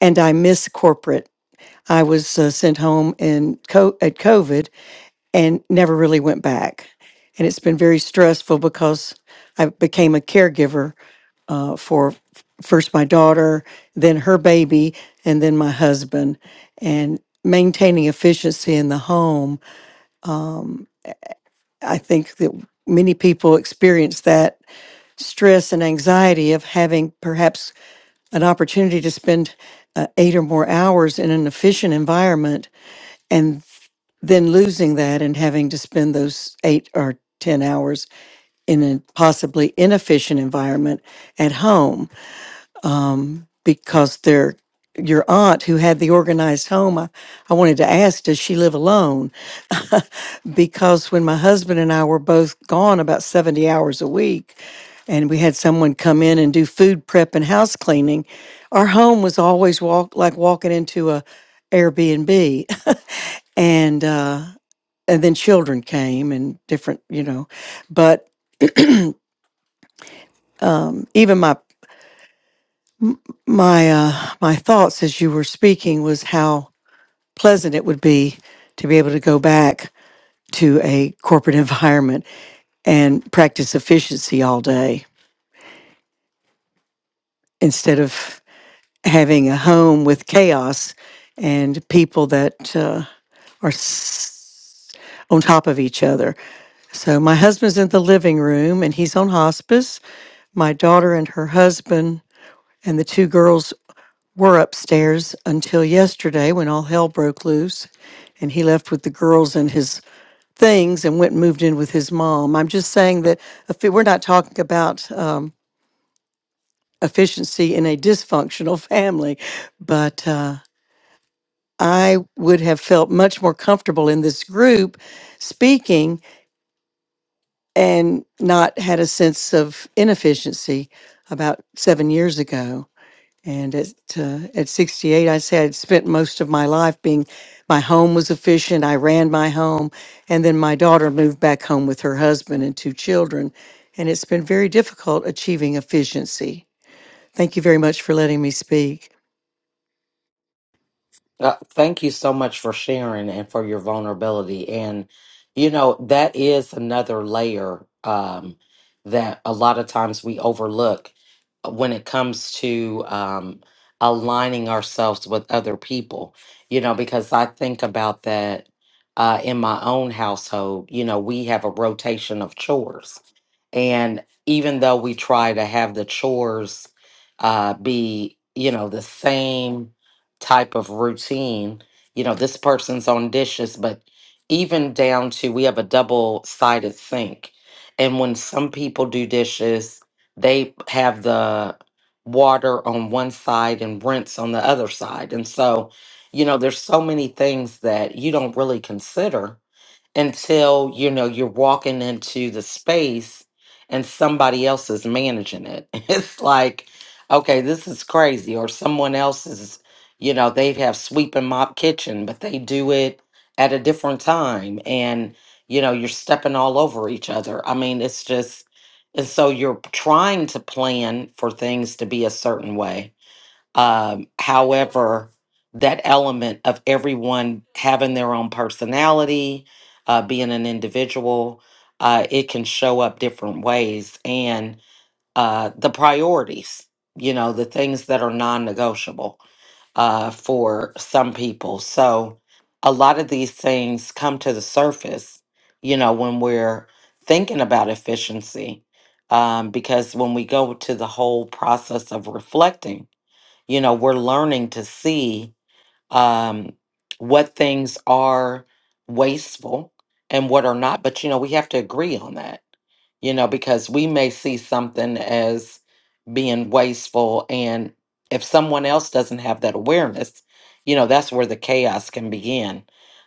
F: and I miss corporate. I was uh, sent home in co- at COVID and never really went back. And it's been very stressful because I became a caregiver uh, for first my daughter, then her baby, and then my husband. And maintaining efficiency in the home, I think that many people experience that stress and anxiety of having perhaps an opportunity to spend uh, eight or more hours in an efficient environment and then losing that and having to spend those eight or 10 hours in a possibly inefficient environment at home. because they're your aunt who had the organized home. I, I wanted to ask, does she live alone? because when my husband and I were both gone about 70 hours a week, and we had someone come in and do food prep and house cleaning, our home was always walk like walking into a Airbnb. and uh and then children came and different, you know. But even my my uh my thoughts as you were speaking was how pleasant it would be to be able to go back to a corporate environment and practice efficiency all day instead of having a home with chaos and people that uh, are s- on top of each other. So, my husband's in the living room and he's on hospice. My daughter and her husband and the two girls were upstairs until yesterday when all hell broke loose. And he left with the girls and his things and went and moved in with his mom. I'm just saying that if it- we're not talking about um, efficiency in a dysfunctional family, but uh, I would have felt much more comfortable in this group speaking and not had a sense of inefficiency about seven years ago. And at uh, at 68, I said I'd spent most of my life being my home was efficient. I ran my home, and then my daughter moved back home with her husband and two children, and it's been very difficult achieving efficiency. Thank you very much for letting me speak.
A: Uh, thank you so much for sharing and for your vulnerability. And, you know, that is another layer um, that a lot of times we overlook uh, when it comes to um, aligning ourselves with other people, you know, because I think about that uh, in my own household. You know, we have a rotation of chores. And even though we try to have the chores uh, be, you know, the same type of routine. You know, this person's on dishes, but even down to we have a double sided sink. And when some people do dishes, they have the water on one side and rinse on the other side. And so, you know, there's so many things that you don't really consider until you know you're walking into the space and somebody else is managing it it's like okay this is crazy or someone else is you know they have sweep and mop kitchen but they do it at a different time and you know you're stepping all over each other i mean it's just and so you're trying to plan for things to be a certain way um, however, that element of everyone having their own personality, uh, being an individual, uh, it can show up different ways. And uh, the priorities, you know, the things that are non negotiable uh, for some people. So a lot of these things come to the surface, you know, when we're thinking about efficiency. Um, because when we go to the whole process of reflecting, you know we're learning to see um what things are wasteful and what are not but you know we have to agree on that you know because we may see something as being wasteful and if someone else doesn't have that awareness you know that's where the chaos can begin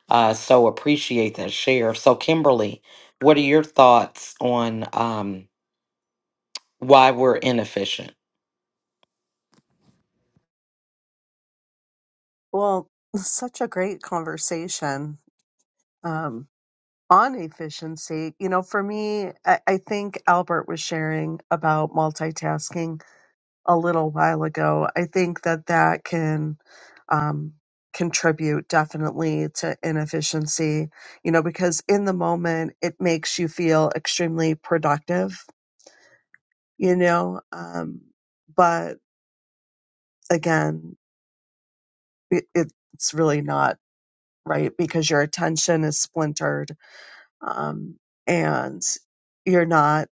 A: uh so appreciate that share so kimberly what are your thoughts on um why we're inefficient
D: Well, such a great conversation um, on efficiency. You know, for me, I, I think Albert was sharing about multitasking a little while ago. I think that that can um, contribute definitely to inefficiency, you know, because in the moment it makes you feel extremely productive, you know, um, but again, it, it's really not right because your attention is splintered um, and you're not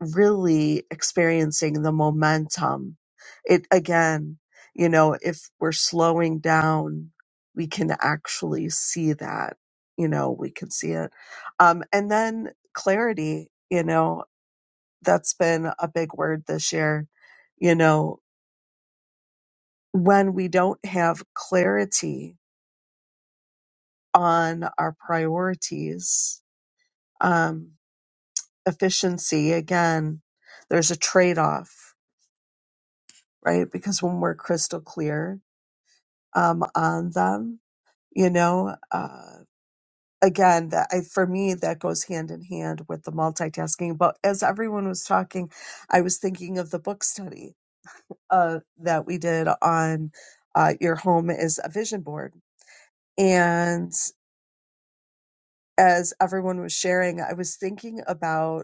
D: really experiencing the momentum. It again, you know, if we're slowing down, we can actually see that, you know, we can see it. Um, and then clarity, you know, that's been a big word this year. You know, when we don't have clarity on our priorities, um. efficiency again there's a trade-off right because when we're crystal clear um, on them you know uh, again that I, for me that goes hand in hand with the multitasking but as everyone was talking i was thinking of the book study uh, that we did on uh, your home is a vision board and as everyone was sharing i was thinking about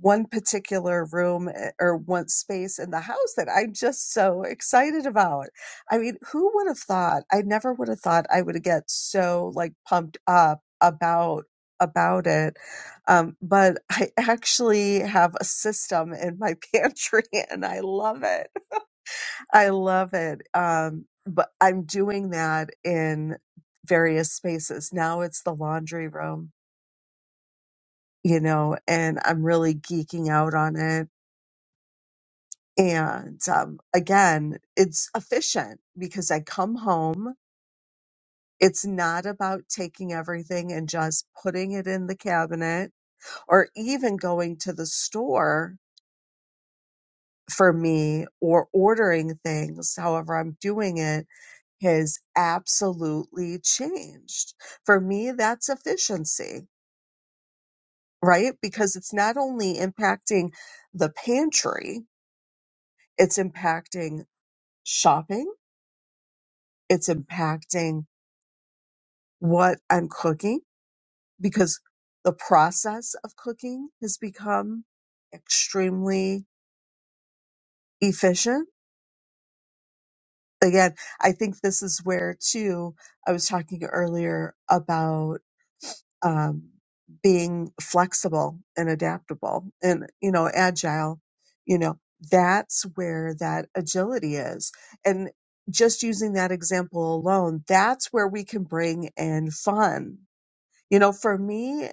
D: one particular room eh, or one space in the house that I'm just so excited about. I mean, who would have thought? I never would have thought I would get so like pumped up about about it. Um, but I actually have a system in my pantry and I love it. I love it. Um, but I'm doing that in various spaces. Now it's the laundry room, you know, and I'm really geeking out on it And um, again, it's efficient because I come home. It's not about taking everything and just putting it in the cabinet or even going to the store for me or ordering things. However, I'm doing it has absolutely changed. For me, that's efficiency, right? Because it's not only impacting the pantry, it's impacting shopping, it's impacting what I'm cooking because the process of cooking has become extremely efficient. Again, I think this is where too, I was talking earlier about um, being flexible and adaptable and, you know, agile, you know, that's where that agility is. And just using that example alone, that's where we can bring in fun. You know, for me,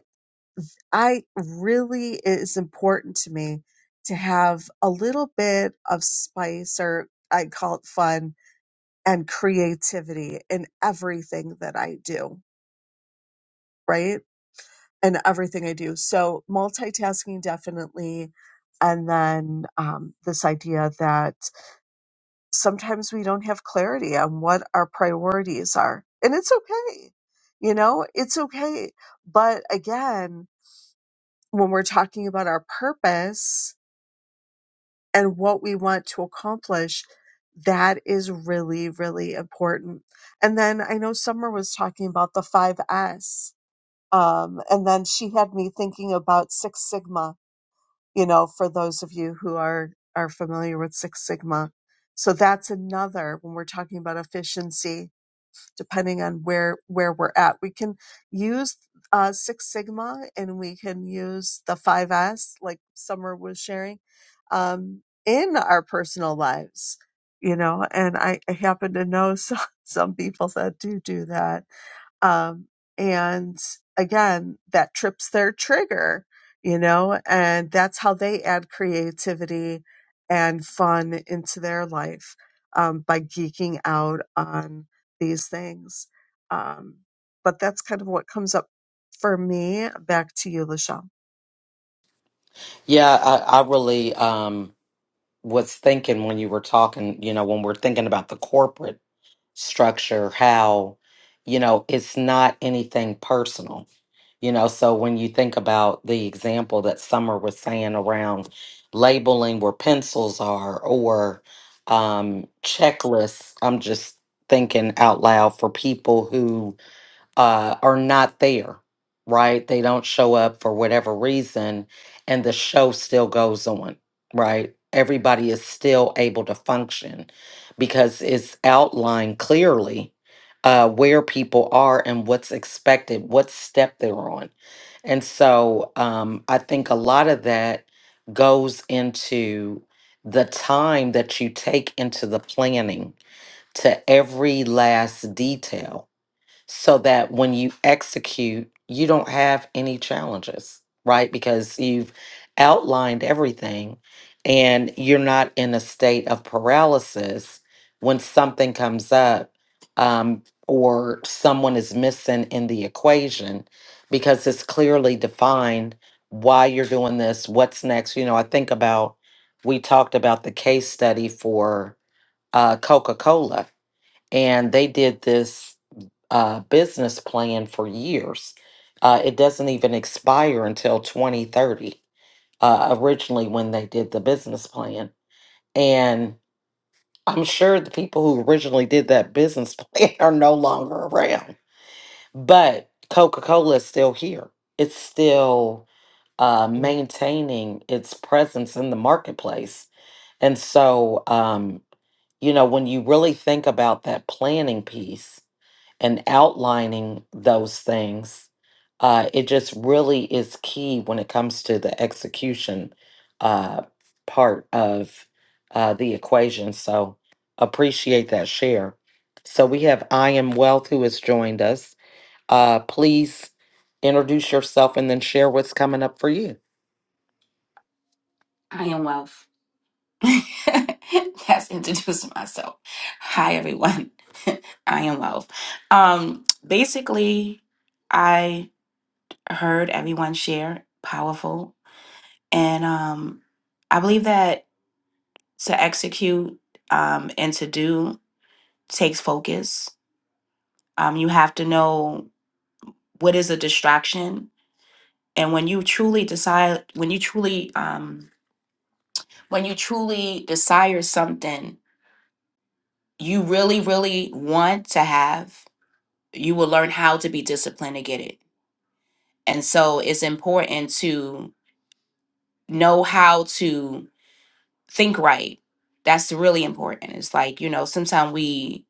D: I really, it is important to me to have a little bit of spice or I call it fun and creativity in everything that I do, right? And everything I do. So multitasking definitely. And then um, this idea that sometimes we don't have clarity on what our priorities are. And it's okay. You know, it's okay. But again, when we're talking about our purpose, and what we want to accomplish, that is really, really important. And then I know Summer was talking about the 5S. Um, and then she had me thinking about Six Sigma, you know, for those of you who are, are familiar with Six Sigma. So that's another when we're talking about efficiency depending on where where we're at. We can use uh, Six Sigma and we can use the Five S like Summer was sharing, um, in our personal lives, you know. And I, I happen to know some, some people that do do that um, and again, that trips their trigger, you know, and that's how they add creativity and fun into their life um, by geeking out on these things. Um, but that's kind of what comes up for me. Back to you, Lachelle.
A: yeah i, I really um was thinking when you were talking, you know, when we're thinking about the corporate structure, how, you know, it's not anything personal. You know, so when you think about the example that Summer was saying around labeling where pencils are or um, checklists, I'm just thinking out loud for people who uh, are not there, right? They don't show up for whatever reason, and the show still goes on, right? Everybody is still able to function because it's outlined clearly uh, where people are and what's expected, what step they're on. And so um, I think a lot of that goes into the time that you take into the planning to every last detail so that when you execute, you don't have any challenges, right? Because you've outlined everything and you're not in a state of paralysis when something comes up um, or someone is missing in the equation because it's clearly defined why you're doing this, what's next. You know, I think about, we talked about the case study for uh, Coca Cola, and they did this uh, business plan for years. Uh, it doesn't even expire until 2030, uh, originally, when they did the business plan. And I'm sure the people who originally did that business plan are no longer around, but Coca Cola is still here. It's still uh, maintaining its presence in the marketplace. And so, um, you know, when you really think about that planning piece, and outlining those things, uh, it just really is key when it comes to the execution uh, part of uh, the equation. So appreciate that share. So we have I am Wealth who has joined us. Uh, please introduce yourself and then share what's coming up for you.
G: I am wealth. That's introducing myself. Hi everyone. I am wealth. Um basically I heard everyone share powerful and um I believe that to execute um and to do takes focus. Um you have to know what is a distraction and when you truly decide when you truly um when you truly desire something you really, really want to have, you will learn how to be disciplined to get it. And so it's important to know how to think right. That's really important. It's like, you know, sometimes we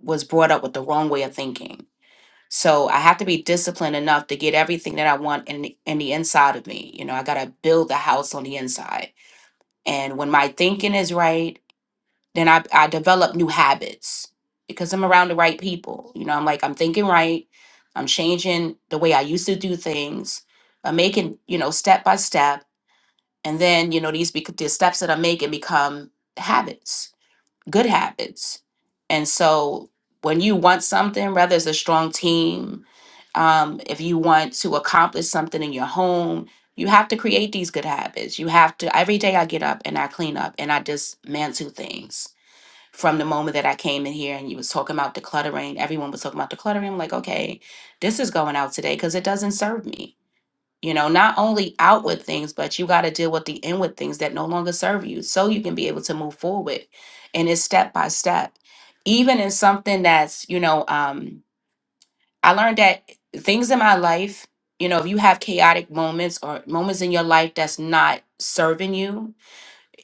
G: was brought up with the wrong way of thinking. So I have to be disciplined enough to get everything that I want in the, in the inside of me. You know, I got to build the house on the inside. And when my thinking is right, then I, I develop new habits because I'm around the right people. You know, I'm like, I'm thinking right. I'm changing the way I used to do things. I'm making, you know, step by step. And then, you know, these, bec- the steps that I'm making become habits, good habits. And so when you want something, whether it's a strong team, um, if you want to accomplish something in your home, you have to create these good habits. You have to, every day I get up and I clean up and I dismantle things from the moment that I came in here and you was talking about decluttering, everyone was talking about decluttering. I'm like, okay, this is going out today because it doesn't serve me. You know, not only outward things, but you got to deal with the inward things that no longer serve you so you can be able to move forward. And it's step by step. Even in something that's, you know, um, I learned that things in my life, you know, if you have chaotic moments or moments in your life that's not serving you,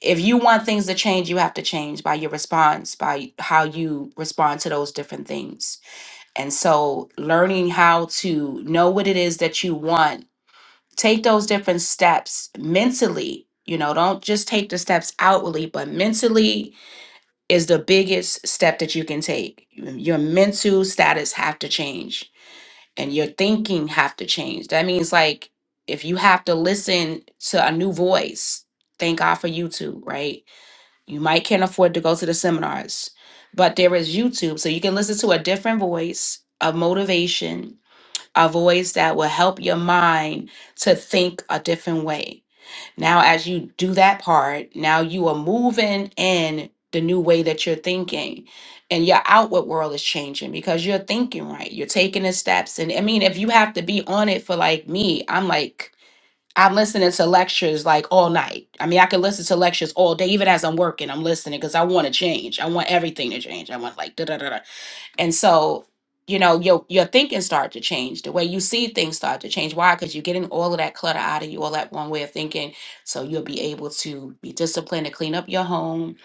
G: if you want things to change, you have to change by your response, by how you respond to those different things. And so, learning how to know what it is that you want, take those different steps mentally. You know, don't just take the steps outwardly, but mentally is the biggest step that you can take. Your mental status have to change and your thinking have to change. That means like if you have to listen to a new voice, thank God for YouTube, right? You might can't afford to go to the seminars, but there is YouTube. So you can listen to a different voice of motivation, a voice that will help your mind to think a different way. Now, as you do that part, now you are moving in the new way that you're thinking and your outward world is changing because you're thinking right. You're taking the steps. And I mean, if you have to be on it for like me, I'm like, I'm listening to lectures like all night. I mean, I could listen to lectures all day, even as I'm working. I'm listening because I want to change. I want everything to change. I want like da da da and so, you know, your your thinking start to change. The way you see things start to change. Why? Because you're getting all of that clutter out of you, all that one way of thinking. So you'll be able to be disciplined to clean up your home.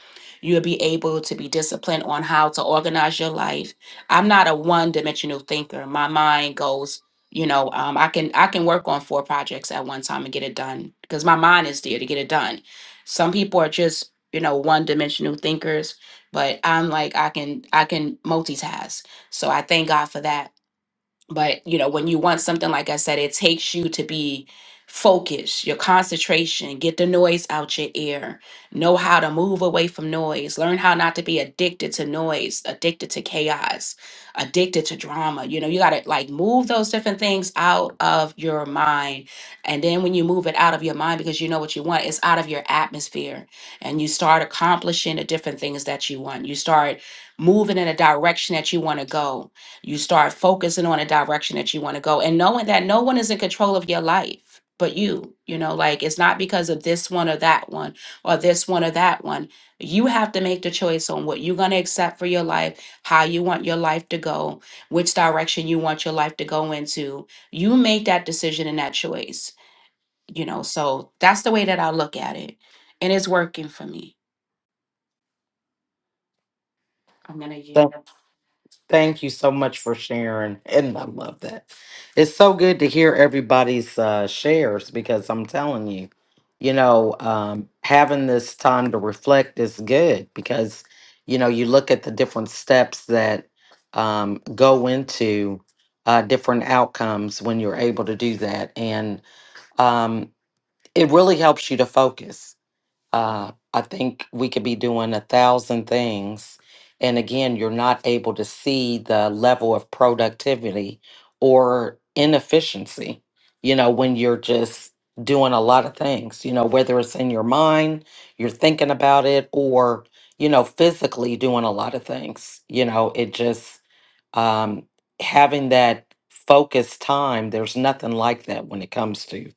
G: You'll be able to be disciplined on how to organize your life. I'm not a one-dimensional thinker. My mind goes, you know, um, I can I can work on four projects at one time and get it done because my mind is there to get it done. Some people are just, you know, one-dimensional thinkers but I'm like I can I can multitask. So I thank God for that but you know when you want something like i said it takes you to be focused your concentration get the noise out your ear know how to move away from noise learn how not to be addicted to noise addicted to chaos addicted to drama you know you got to like move those different things out of your mind and then when you move it out of your mind because you know what you want it's out of your atmosphere and you start accomplishing the different things that you want you start moving in a direction that you want to go you start focusing on a direction that you want to go and knowing that no one is in control of your life but you. You know, like it's not because of this one or that one or this one or that one. You have to make the choice on what you're going to accept for your life, how you want your life to go, which direction you want your life to go into. You make that decision and that choice, you know. So that's the way that I look at it. And it's working for me. I'm going to use
A: Thank you so much for sharing. And I love that. It's so good to hear everybody's uh, shares because I'm telling you, you know, um, having this time to reflect is good because, you know, you look at the different steps that um, go into uh, different outcomes when you're able to do that. And um, it really helps you to focus. Uh, I think we could be doing a thousand things. And again, you're not able to see the level of productivity or inefficiency, you know, when you're just doing a lot of things, you know, whether it's in your mind, you're thinking about it, or, you know, physically doing a lot of things, you know, it just, um, having that focused time, there's nothing like that when it comes to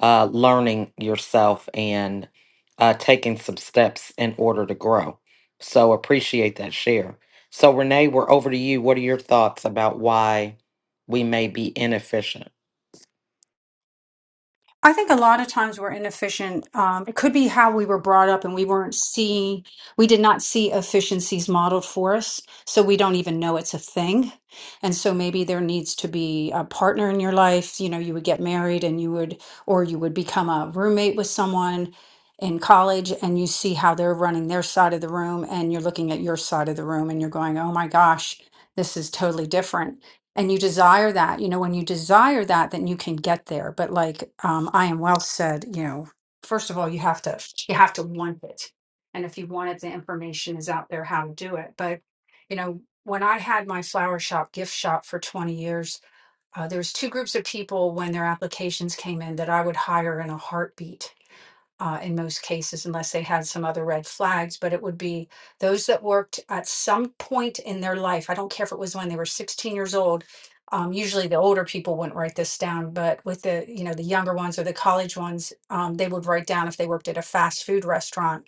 A: uh, learning yourself and uh, taking some steps in order to grow. So appreciate that share. So, Renee, we're over to you. What are your thoughts about why we may be inefficient?
E: I think a lot of times we're inefficient. Um, it could be how we were brought up and we weren't see, we did not see efficiencies modeled for us. So we don't even know it's a thing. And so maybe there needs to be a partner in your life. You know, you would get married and you would, or you would become a roommate with someone in college and you see how they're running their side of the room and you're looking at your side of the room and you're going, oh my gosh, this is totally different and you desire that you know when you desire that then you can get there but like um i am well said you know first of all you have to you have to want it and if you want it the information is out there how to do it but you know when i had my flower shop gift shop for 20 years uh, there was two groups of people when their applications came in that i would hire in a heartbeat uh, in most cases, unless they had some other red flags, but it would be those that worked at some point in their life. I don't care if it was when they were 16 years old. Um, usually the older people wouldn't write this down, but with the, you know, the younger ones or the college ones, um, they would write down if they worked at a fast food restaurant.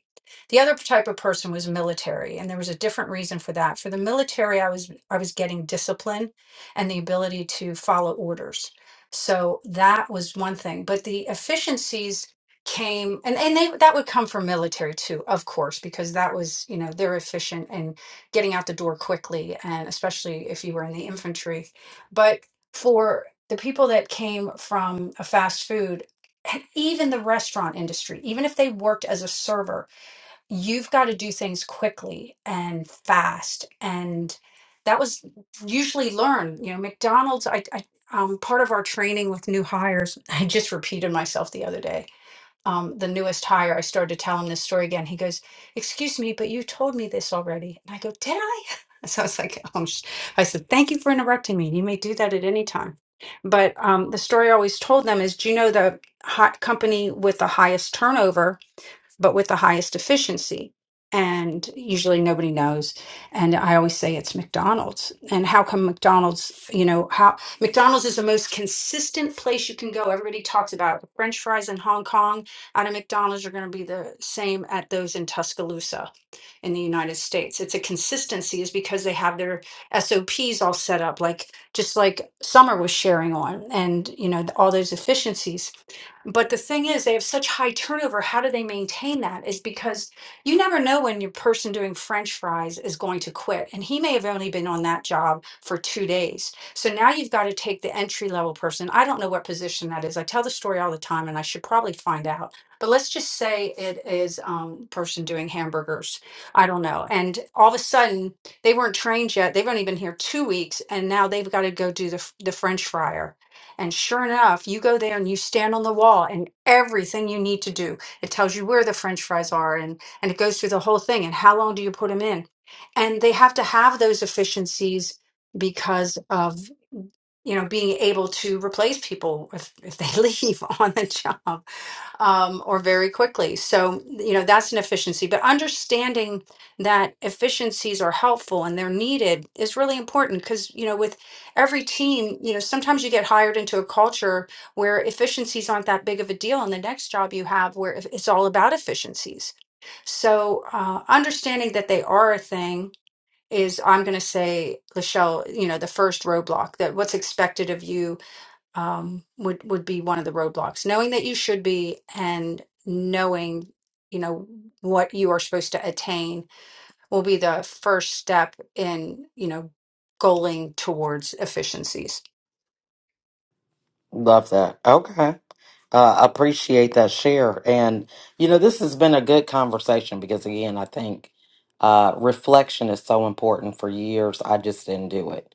E: The other type of person was military, and there was a different reason for that. For the military, I was I was getting discipline and the ability to follow orders. So that was one thing. But the efficiencies came and and they that would come from military too of course because that was you know they're efficient and getting out the door quickly and especially if you were in the infantry but for the people that came from a fast food and even the restaurant industry even if they worked as a server you've got to do things quickly and fast and that was usually learned you know McDonald's I, I um part of our training with new hires I just repeated myself the other day um, the newest hire, I started to tell him this story again. He goes, "Excuse me, but you told me this already." And I go, "Did I?" So I was like, "Oh," sh-" I said, "Thank you for interrupting me. You may do that at any time." But um, the story I always told them is, do you know the hot company with the highest turnover? but with the highest efficiency. And usually nobody knows. And I always say it's McDonald's. And how come McDonald's, you know, how McDonald's is the most consistent place you can go. Everybody talks about the French fries in Hong Kong out of McDonald's are going to be the same at those in Tuscaloosa in the United States. It's a consistency is because they have their SOPs all set up, like just like Summer was sharing on and, you know, all those efficiencies. But the thing is, they have such high turnover. How do they maintain that? Is because you never know when your person doing French fries is going to quit. And he may have only been on that job for two days. So now you've got to take the entry level person. I don't know what position that is. I tell the story all the time and I should probably find out. But let's just say it is um, person doing hamburgers. I don't know. And all of a sudden, they weren't trained yet. They've only been here two weeks and now they've got to go do the, f- the French fryer and sure enough, you go there and you stand on the wall and everything you need to do. It tells you where the french fries are and, and it goes through the whole thing and how long do you put them in. And they have to have those efficiencies because of, you know, being able to replace people if, if they leave on the job um, or very quickly. So, you know, that's an efficiency. But understanding that efficiencies are helpful and they're needed is really important because, you know, with every team, you know, sometimes you get hired into a culture where efficiencies aren't that big of a deal. And the next job you have where if- it's all about efficiencies. So, uh, understanding that they are a thing is, I'm going to say, Lachelle, you know, the first roadblock that what's expected of you um, would would be one of the roadblocks. Knowing that you should be, and knowing you know what you are supposed to attain will be the first step in you know goaling towards efficiencies.
A: Love that. Okay. uh, appreciate that share. And, you know, this has been a good conversation because, again, I think uh, reflection is so important. For years, I just didn't do it.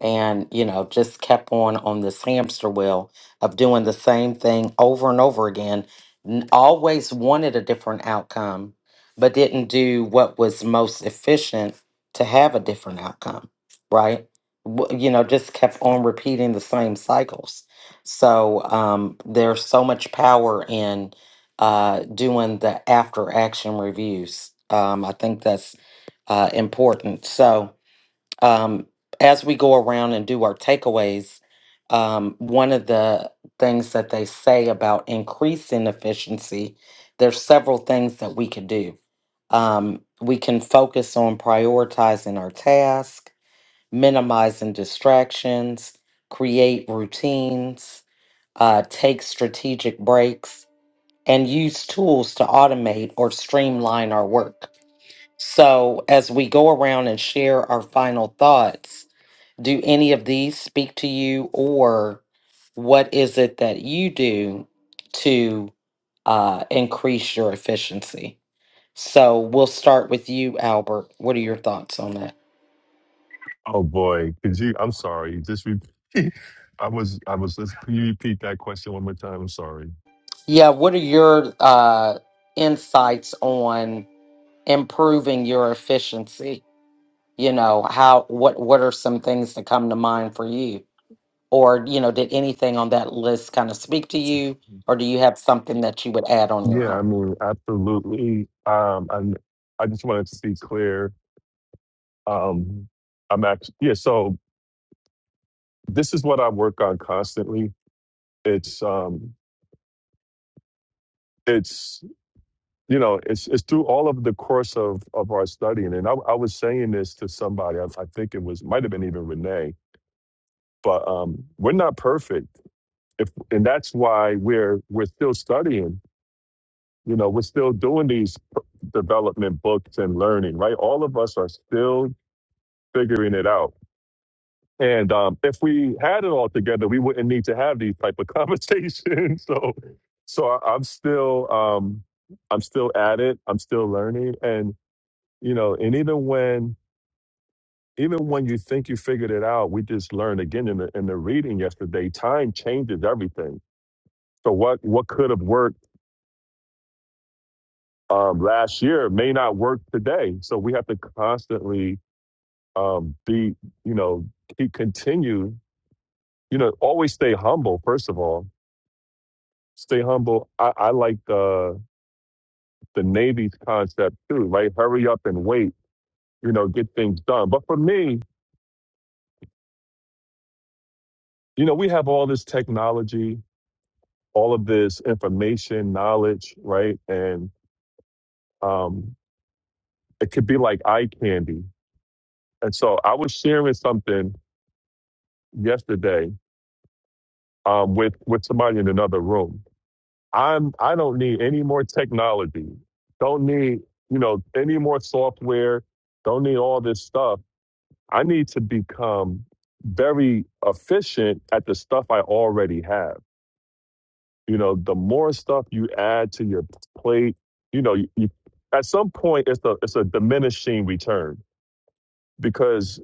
A: And, you know, just kept on on this hamster wheel of doing the same thing over and over again. N- Always wanted a different outcome, but didn't do what was most efficient to have a different outcome, right? W- You know, just kept on repeating the same cycles so um, there's so much power in uh, doing the after action reviews. Um, I think that's uh, important. So um, as we go around and do our takeaways, um, one of the things that they say about increasing efficiency, there's several things that we could do. Um, we can focus on prioritizing our task, minimizing distractions, create routines uh, take strategic breaks, and use tools to automate or streamline our work. So, as we go around and share our final thoughts, do any of these speak to you, or what is it that you do to uh, increase your efficiency? So, we'll start with you, Albert. What are your thoughts on that?
B: Oh boy, could you? I'm sorry. Just re- I was I was. Let's, Can you repeat that question one more time? I'm sorry.
A: Yeah, what are your uh, insights on improving your efficiency? you know how what what are some things that come to mind for you or you know did anything on that list kind of speak to you or do you have something that you would add on your
B: Yeah, I
A: own
B: mean, absolutely. Um, and I just wanted to be clear. Um, I'm actually, yeah, so this is what I work on constantly. It's, um, it's, you know, it's, it's through all of the course of, of our studying. And I, I was saying this to somebody, I, I think it was, might have been even Renee, but, um, we're not perfect. If, and that's why we're, we're still studying, you know, we're still doing these development books and learning, right? All of us are still figuring it out And um, if we had it all together, we wouldn't need to have these type of conversations. so, so I, I'm still, um, I'm still at it. I'm still learning, and you know, and even when, even when you think you figured it out, we just learned again in the in the reading yesterday. Time changes everything. So what what could have worked um, last year may not work today. So we have to constantly um, be, you know, keep continue, you know, always stay humble first of all stay humble. I, I like the the Navy's concept too, right? Hurry up and wait, you know, get things done. But for me, you know, we have all this technology, all of this information, knowledge, right? And um, it could be like eye candy. And so I was sharing something yesterday um, with with somebody in another room. I'm I don't need any more technology. Don't need you know any more software. Don't need all this stuff I need to become very efficient at the stuff I already have. You know, the more stuff you add to your plate, you know, you, you, at some point it's a it's a diminishing return because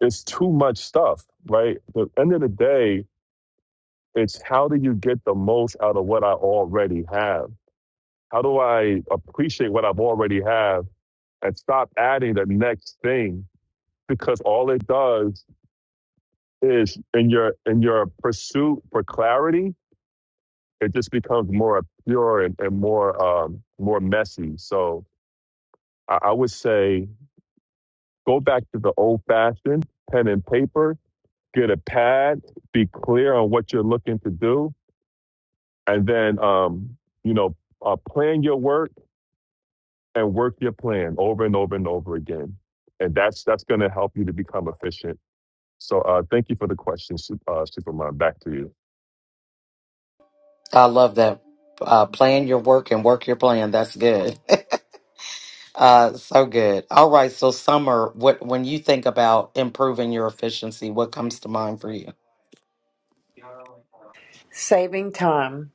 B: it's too much stuff, right? At the end of the day, it's how do you get the most out of what I already have? How do I appreciate what I've already have and stop adding the next thing because all it does is in your in your pursuit for clarity, it just becomes more pure and, and more um, more messy. So I, I would say go back to the old fashioned pen and paper, get a pad, be clear on what you're looking to do, and then um, you know uh, plan your work and work your plan over and over and over again, and that's that's going to help you to become efficient. So uh, thank you for the question, Su- uh, Superman. Back to you.
A: i love that uh plan your work and work your plan that's good uh so good all right so summer what when you think about improving your efficiency what comes to mind for you
C: saving time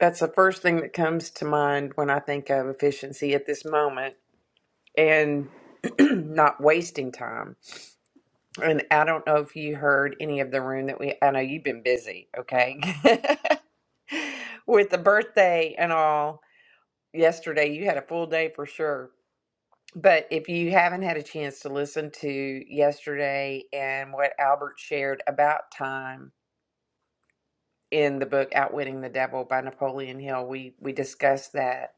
C: that's the first thing that comes to mind when i think of efficiency at this moment and not wasting time and i don't know if you heard any of the room that we i know you've been busy okay with the birthday and all yesterday you had a full day for sure but if you haven't had a chance to listen to yesterday and what albert shared about time in the book outwitting the devil by napoleon hill we we discussed that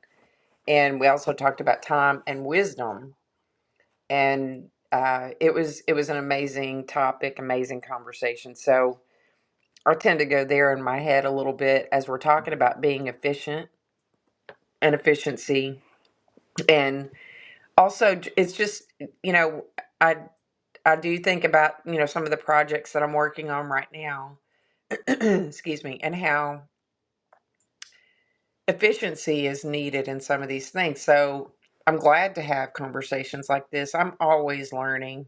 C: and we also talked about time and wisdom and uh, it was it was an amazing topic amazing conversation so i tend to go there in my head a little bit as we're talking about being efficient and efficiency and also j- it's just you know i i do think about you know some of the projects that i'm working on right now excuse me and how efficiency is needed in some of these things so i'm glad to have conversations like this i'm always learning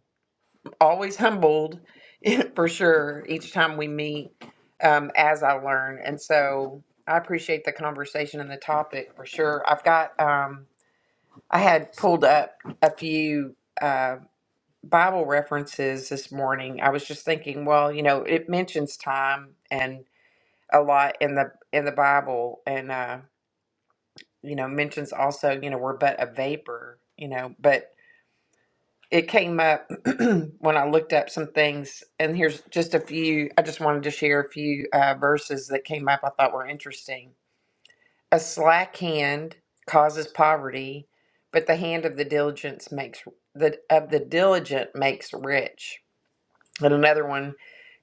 C: always humbled for sure each time we meet um, as i learn and so i appreciate the conversation and the topic for sure i've got um, i had pulled up a few Uh, Bible references this morning, I was just thinking, well, you know, it mentions time and a lot in the in the Bible, and uh, you know, mentions also, you know, we're but a vapor, you know, but it came up when I looked up some things, and here's just a few. I just wanted to share a few uh, verses that came up I thought were interesting. A slack hand causes poverty, but the hand of the diligence makes the of the diligent makes rich And another one,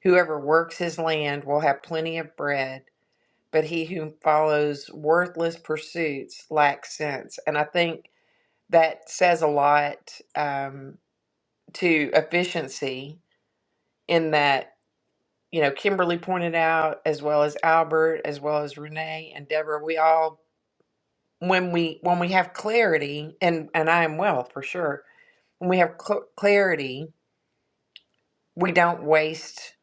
C: whoever works his land will have plenty of bread, but he who follows worthless pursuits lacks sense. And I think that says a lot um, to efficiency in that, you know, Kimberly pointed out, as well as Albert, as well as Renee and Deborah, we all, when we, when we have clarity, and, and I am well for sure, when we have cl- clarity, we don't waste,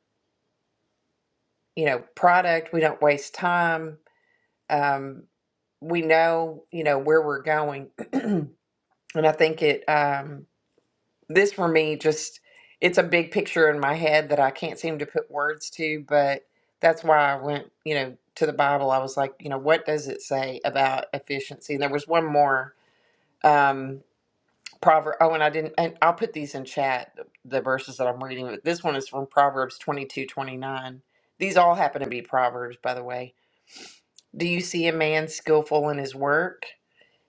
C: you know, product, we don't waste time, Um, we know, you know, where we're going. and I think it, um, this for me, just it's a big picture in my head that I can't seem to put words to, but that's why I went, you know, to the Bible. I was like, you know, what does it say about efficiency? And there was one more um, proverb. Oh, and I didn't, and I'll put these in chat, the verses that I'm reading, but this one is from Proverbs 22 29. These all happen to be Proverbs, by the way. Do you see a man skillful in his work?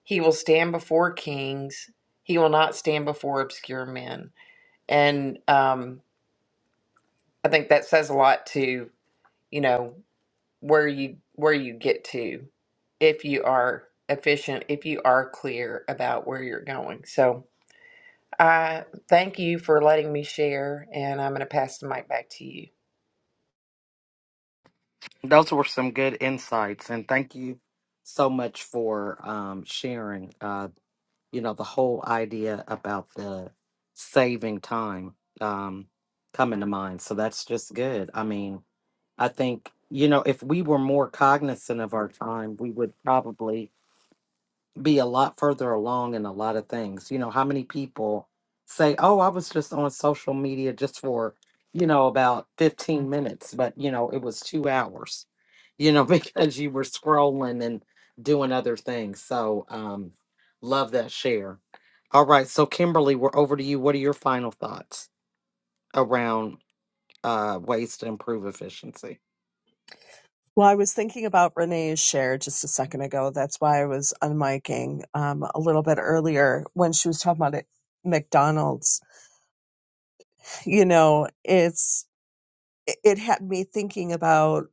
C: He will stand before kings. He will not stand before obscure men. And um, I think that says a lot to you know where you where you get to if you are efficient, if you are clear about where you're going. So I thank you for letting me share, and I'm going to pass the mic back to you.
A: those were some good insights and thank you so much for um sharing Uh, you know, the whole idea about the saving time um, coming to mind. So that's just good. I mean, I think, you know, if we were more cognizant of our time, we would probably be a lot further along in a lot of things. You know, how many people say, "Oh, I was just on social media just for, you know, about 15 minutes, but you know, it was 2 hours." You know, because you were scrolling and doing other things. So, um love that share. All right, so Kimberly, we're over to you. What are your final thoughts around uh ways to improve efficiency?
D: Well, I was thinking about Renee's share just a second ago. That's why I was unmiking um, a little bit earlier when she was talking about it, McDonald's. You know, it's it it had me thinking about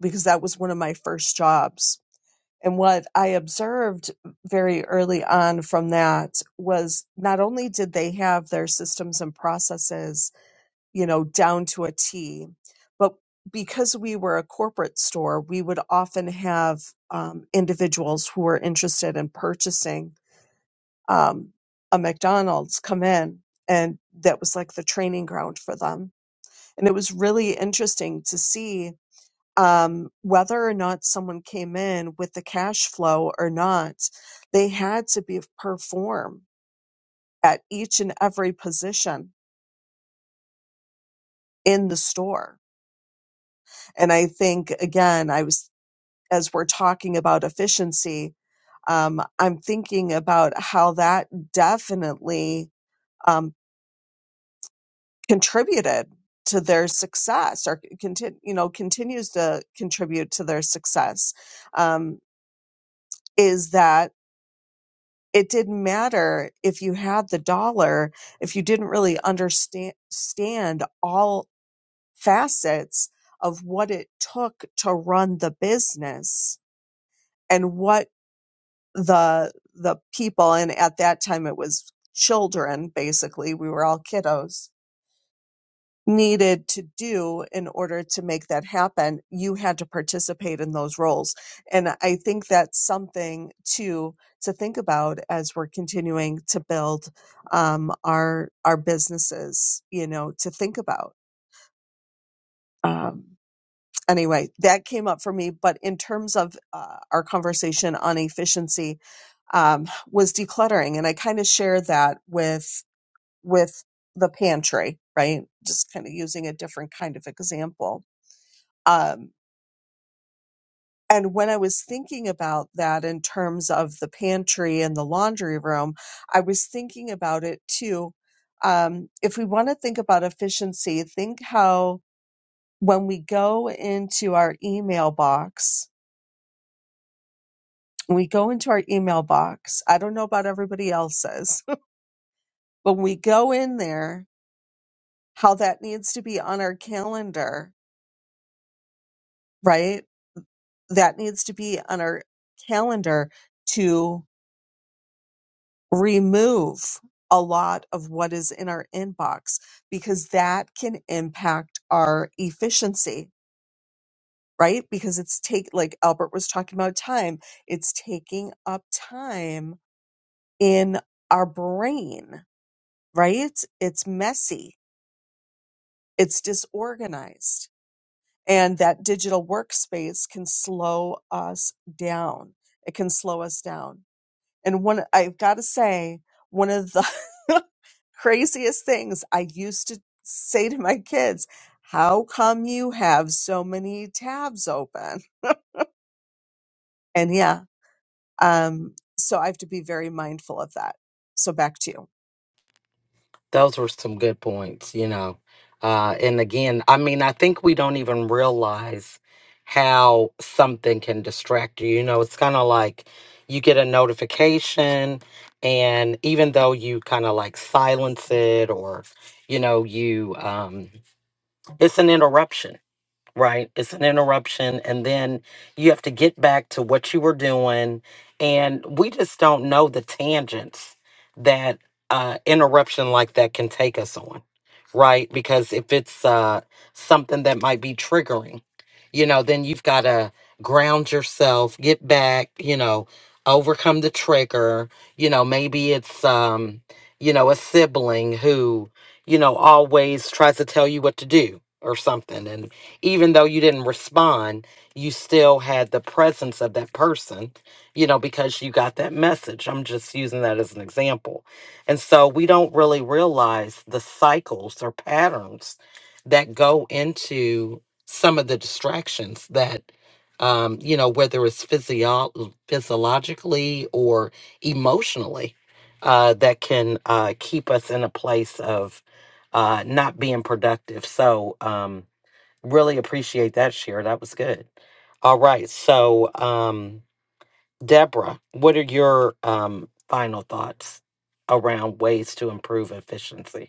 D: because that was one of my first jobs And what I observed very early on from that was not only did they have their systems and processes, you know, down to a T, but because we were a corporate store, we would often have um, individuals who were interested in purchasing um, a McDonald's come in, and that was like the training ground for them. And it was really interesting to see um, whether or not someone came in with the cash flow or not, they had to be perform at each and every position in the store. And I think again, I was as we're talking about efficiency, um, I'm thinking about how that definitely um, contributed to their success, or continue, you know, continues to contribute to their success. Um, is that it didn't matter if you had the dollar if you didn't really understand stand all facets of what it took to run the business and what the the people and at that time it was children basically we were all kiddos needed to do in order to make that happen, you had to participate in those roles. And I think that's something to to think about as we're continuing to build um, our our businesses. You know, to think about. Um, anyway, that came up for me. But in terms of uh, our conversation on efficiency, um, was decluttering, and I kind of share that with with the pantry, right? Just kind of using a different kind of example um, and when I was thinking about that in terms of the pantry and the laundry room, I was thinking about it too. Um, if we want to think about efficiency, think how when we go into our email box, we go into our email box. I don't know about everybody else's, but when we go in there, how that needs to be on our calendar, right? That needs to be on our calendar to. remove a lot of what is in our inbox because that can impact our efficiency right because it's take like albert was talking about time it's taking up time in our brain right it's messy it's disorganized and that digital workspace can slow us down it can slow us down And one, I've got to say, one of the craziest things I used to say to my kids, how come you have so many tabs open? And yeah, um, so I have to be very mindful of that. So back to you.
A: Those were some good points, you know. Uh, and again, I mean, I think we don't even realize how something can distract you. You know, it's kind of like you get a notification, and even though you kind of like silence it or, you know, you, um, it's an interruption right? It's an interruption. And then you have to get back to what you were doing. And we just don't know the tangents that uh, interruption like that can take us on, right? Because if it's uh, something that might be triggering, you know, then you've got to ground yourself, get back, you know, overcome the trigger. You know, maybe it's, um, you know, a sibling who, you know, always tries to tell you what to do or something. and even though you didn't respond, you still had the presence of that person, you know, because you got that message. I'm just using that as an example. And so we don't really realize the cycles or patterns that go into some of the distractions that um, you know, whether it's physio- physiologically or emotionally, uh, that can uh, keep us in a place of uh, not being productive. So, um, Really appreciate that, Share. That was good. All right. So, um, Deborah, what are your um, final thoughts around ways to improve efficiency?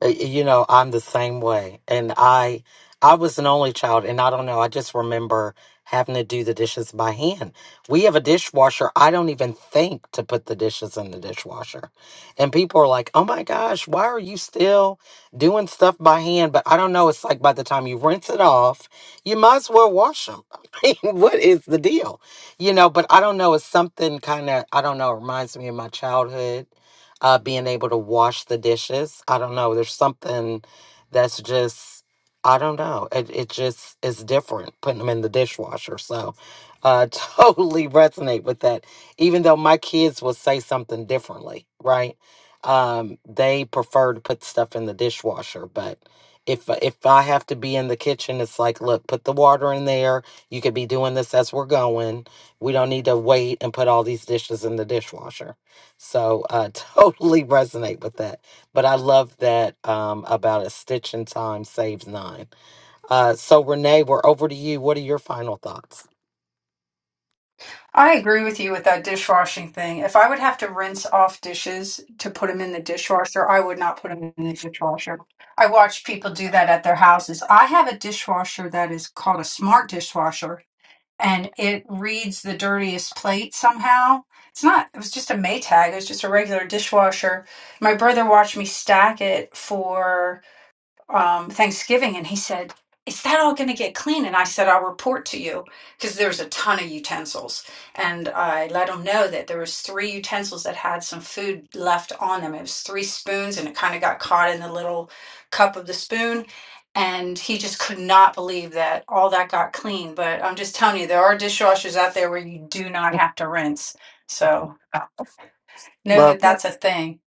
A: Uh, you know i'm the same way and i i was an only child and i don't know i just remember having to do the dishes by hand we have a dishwasher i don't even think to put the dishes in the dishwasher and people are like oh my gosh why are you still doing stuff by hand but i don't know it's like by the time you rinse it off you might as well wash them i mean what is the deal you know but i don't know it's something kind of i don't know it reminds me of my childhood uh, being able to wash the dishes. I don't know. There's something that's just, I don't know. It, it just is different putting them in the dishwasher. So uh, totally resonate with that. Even though my kids will say something differently, right? Um, they prefer to put stuff in the dishwasher, but if if I have to be in the kitchen, it's like, look, put the water in there. You could be doing this as we're going. We don't need to wait and put all these dishes in the dishwasher. So I totally resonate with that. But I love that um, about a stitch in time saves nine. Uh, so Renee, we're over to you. What are your final thoughts?
E: I agree with you with that dishwashing thing. If I would have to rinse off dishes to put them in the dishwasher, I would not put them in the dishwasher. I watch people do that at their houses. I have a dishwasher that is called a smart dishwasher and it reads the dirtiest plate somehow. It's not, it was just a Maytag, it was just a regular dishwasher. My brother watched me stack it for um, Thanksgiving, and he said, "Is that all going to get clean?" And I said, "I'll report to you because there's a ton of utensils." And I let him know that there was three utensils that had some food left on them. It was three spoons, and it kind of got caught in the little cup of the spoon. And he just could not believe that all that got clean. But I'm just telling you, there are dishwashers out there where you do not have to rinse. So know that that's a thing.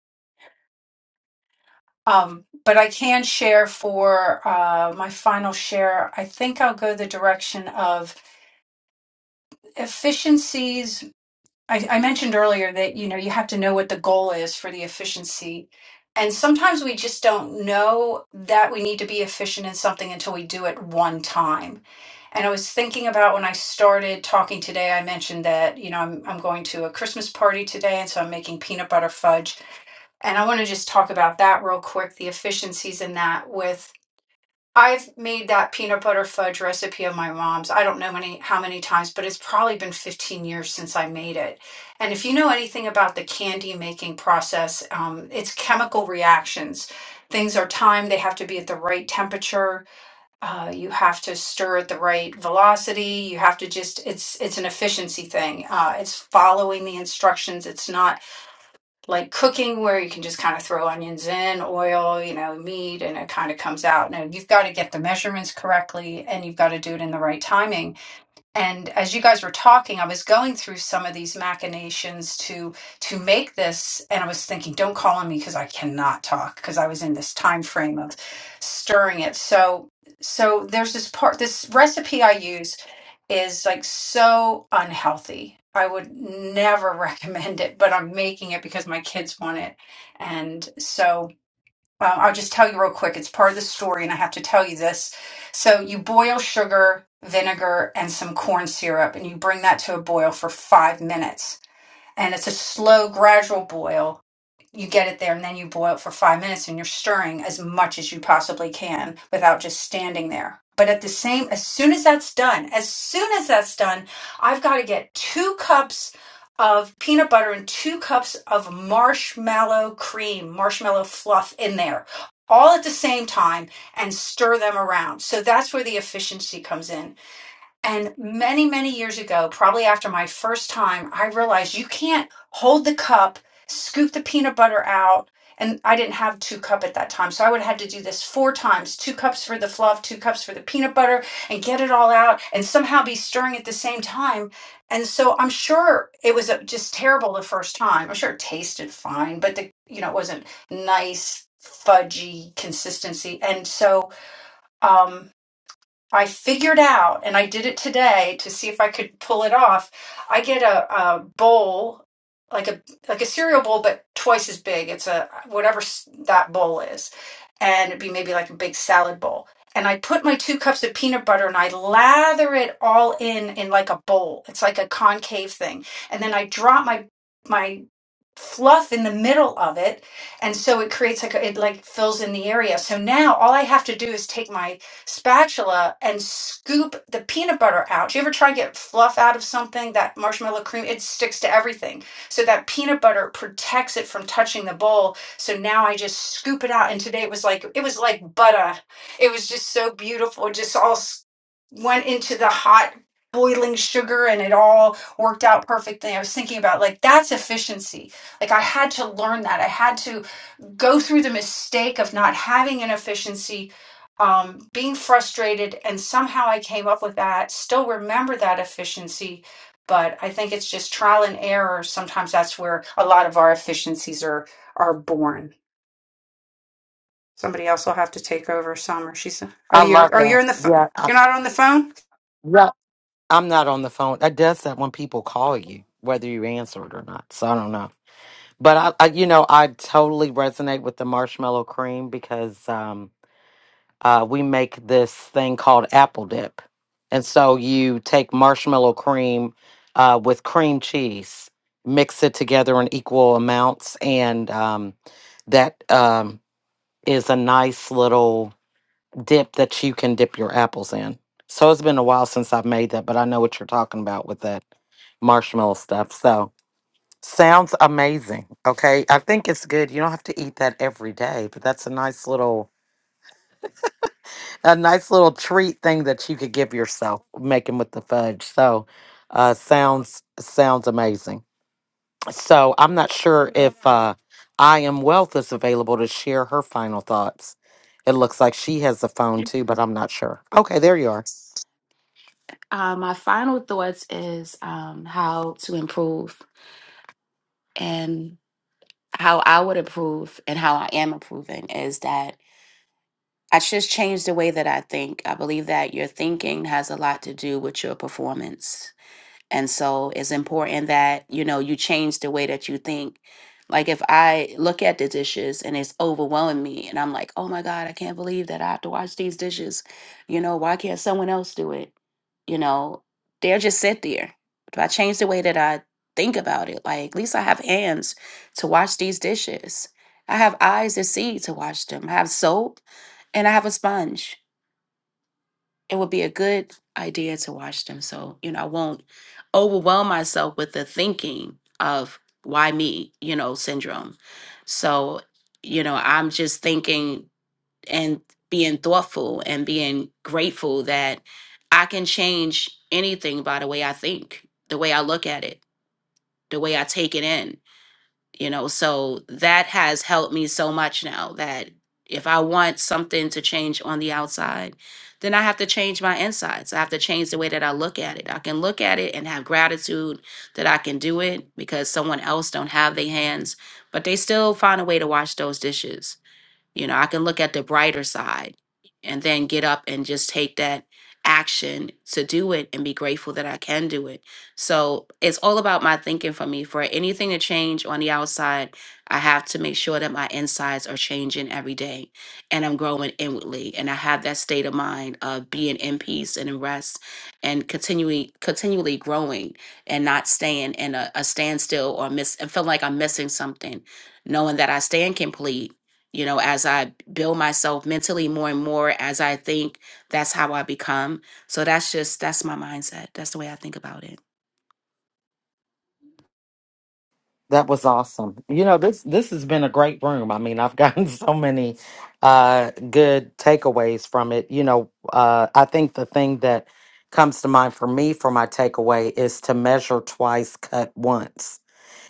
E: Um, but I can share for uh, my final share. I think I'll go the direction of efficiencies. I, I mentioned earlier that you know you have to know what the goal is for the efficiency, and sometimes we just don't know that we need to be efficient in something until we do it one time. And I was thinking about when I started talking today, I mentioned that you know I'm I'm going to a Christmas party today, and so I'm making peanut butter fudge. And I want to just talk about that real quick, the efficiencies in that with I've made that peanut butter fudge recipe of my mom's. I don't know many how many times, but it's probably been 15 years since I made it. And if you know anything about the candy making process, um, it's chemical reactions. Things are timed; they have to be at the right temperature. Uh, you have to stir at the right velocity. You have to just it's it's an efficiency thing. Uh, it's following the instructions. It's not like cooking where you can just kind of throw onions in, oil, you know, meat, and it kind of comes out. Now you've got to get the measurements correctly and you've got to do it in the right timing and as you guys were talking i was going through some of these machinations to to make this and i was thinking don't call on me because i cannot talk because i was in this time frame of stirring it so so there's this part this recipe i use is like so unhealthy i would never recommend it but i'm making it because my kids want it and so uh, I'll just tell you real quick. It's part of the story, and I have to tell you this. So you boil sugar, vinegar, and some corn syrup, and you bring that to a boil for five minutes. And it's a slow, gradual boil you get it there and then you boil for five minutes and you're stirring as much as you possibly can without just standing there. But at the same, as soon as that's done, as soon as that's done, I've got to get two cups of peanut butter and two cups of marshmallow cream, marshmallow fluff in there, all at the same time and stir them around. So that's where the efficiency comes in and many, many years ago, probably after my first time, I realized you can't hold the cup, scoop the peanut butter out. And I didn't have two cup at that time. So I would have had to do this four times, two cups for the fluff, two cups for the peanut butter and get it all out and somehow be stirring at the same time. And so I'm sure it was uh, just terrible the first time. I'm sure it tasted fine, but the, you know, it wasn't nice, fudgy consistency. And so, um, I figured out, and I did it today to see if I could pull it off. I get a, a bowl, like a like a cereal bowl, but twice as big. It's a whatever s- that bowl is, and it'd be maybe like a big salad bowl. And I put my two cups of peanut butter and I lather it all in in like a bowl. It's like a concave thing, and then I drop my my fluff in the middle of it and so it creates like a, it like fills in the area so now all i have to do is take my spatula and scoop the peanut butter out do you ever try to get fluff out of something that marshmallow cream it sticks to everything so that peanut butter protects it from touching the bowl so now i just scoop it out and today it was like it was like butter it was just so beautiful it just all s- went into the hot boiling sugar and it all worked out perfectly i was thinking about like that's efficiency like I had to learn that. I had to go through the mistake of not having an efficiency, um, being frustrated, and somehow I came up with that. Still remember that efficiency, but I think it's just trial and error. Sometimes that's where a lot of our efficiencies are are born. Somebody else will have to take over. Summer, she's. Oh,
A: I
E: you.
A: love
E: Oh,
A: that.
E: you're in the.
A: Yeah,
E: pho-
A: I,
E: You're not on the phone.
A: yeah. I'm not on the phone. It does that when people call you, whether you answer it or not. So I don't know. But I, I you know, I totally resonate with the marshmallow cream because. um, uh, we make this thing called apple dip. And so you take marshmallow cream uh, with cream cheese, mix it together in equal amounts, and um, that um, is a nice little dip that you can dip your apples in. So it's been a while since I've made that, but I know what you're talking about with that marshmallow stuff. So sounds amazing. Okay. I think it's good. You don't have to eat that every day, but that's a nice little a nice little treat thing that you could give yourself making with the fudge. So uh sounds sounds amazing. So I'm not sure if uh I am wealth is available to share her final thoughts. It looks like she has the phone
G: it.
A: too, but I'm not sure. Okay, there you are.
G: uh, my final thoughts is um, how to improve. And how I would improve and how I am improving is that I just changed the way that I think. I believe that your thinking has a lot to do with your performance. And so it's important that, you know, you change the way that you think. Like if I look at the dishes and it's overwhelming me and I'm like, oh my God, I can't believe that I have to wash these dishes. You know, why can't someone else do it? You know, they'll just sit there. If I change the way that I think about it, like at least I have hands to wash these dishes. I have eyes to see to wash them. I have soap and I have a sponge it would be a good idea to watch them so you know i won't overwhelm myself with the thinking of why me you know syndrome so you know i'm just thinking and being thoughtful and being grateful that i can change anything by the way i think the way i look at it the way i take it in you know so that has helped me so much now that if i want something to change on the outside then i have to change my insides i have to change the way that i look at it i can look at it and have gratitude that i can do it because someone else don't have their hands but they still find a way to wash those dishes you know, I can look at the brighter side and then get up and just take that action to do it and be grateful that I can do it. So it's all about my thinking for me. For anything to change on the outside, I have to make sure that my insides are changing every day and I'm growing inwardly and I have that state of mind of being in peace and in rest and continually continually growing and not staying in a, a standstill or miss and feeling like I'm missing something, knowing that I stand complete you know as i build myself mentally more and more as i think that's how i become so that's just that's my mindset that's the way i think about it
A: That was awesome. You know, this this has been a great room. I mean, I've gotten so many uh good takeaways from it. You know, uh I think the thing that comes to mind for me for my takeaway is to measure twice, cut once.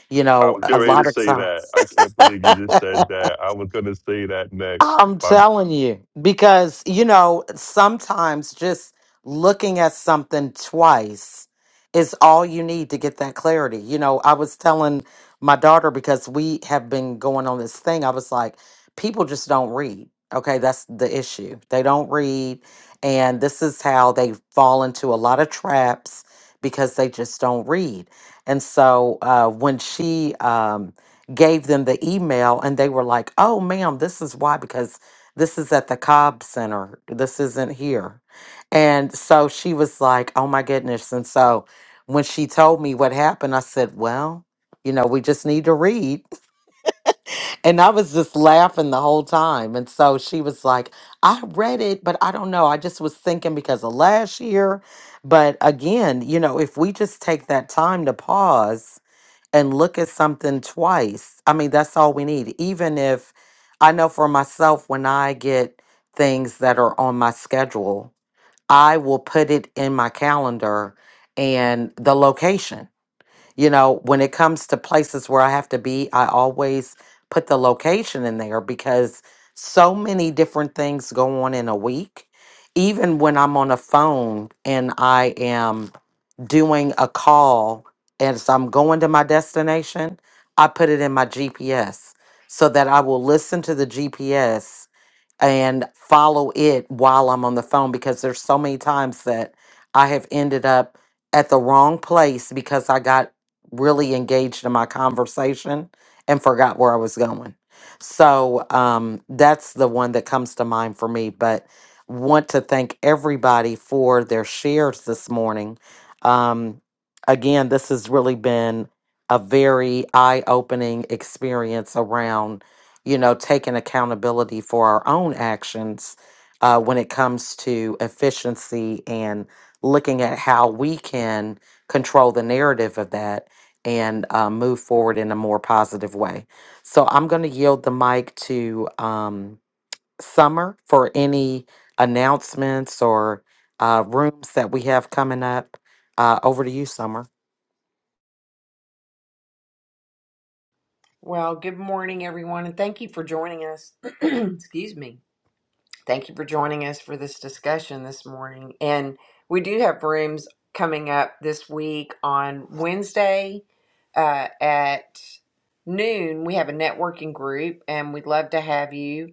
A: You
B: I
A: know,
B: was
A: a
B: getting ready to
A: lot of
B: say that.
A: times.
B: I can't believe you just said that. I was going to say that next.
A: I'm
B: But,
A: telling you, because, you know, sometimes just looking at something twice is all you need to get that clarity. You know, I was telling my daughter because we have been going on this thing, I was like, people just don't read. Okay, that's the issue. They don't read. And this is how they fall into a lot of traps because they just don't read. And so uh, when she, um, gave them the email and they were like, oh, ma'am, this is why, because this is at the Cobb Center. This isn't here. And so she was like, oh my goodness. And so when she told me what happened, I said, well, you know, we just need to read. And I was just laughing the whole time. And so she was like, I read it, but I don't know. I just was thinking because of last year. But again, you know, if we just take that time to pause and look at something twice. I mean, that's all we need. Even if I know for myself, when I get things that are on my schedule, I will put it in my calendar and the location. You know, when it comes to places where I have to be, I always put the location in there because so many different things go on in a week. Even when I'm on a phone and I am doing a call and as I'm going to my destination, I put it in my GPS so that I will listen to the GPS and follow it while I'm on the phone because there's so many times that I have ended up at the wrong place because I got really engaged in my conversation and forgot where I was going. So um, that's the one that comes to mind for me. But want to thank everybody for their shares this morning. Um, again, this has really been a very eye opening experience around you know, taking accountability for our own actions uh, when it comes to efficiency and looking at how we can control the narrative of that and uh, move forward in a more positive way. So I'm going to yield the mic to um, Summer for any announcements or uh, rooms that we have coming up. Uh, over to you, Summer.
C: Well, good morning, everyone, and thank you for joining us. Excuse me. Thank you for joining us for this discussion this morning. And we do have rooms coming up this week on Wednesday uh, at noon. We have a networking group, and we'd love to have you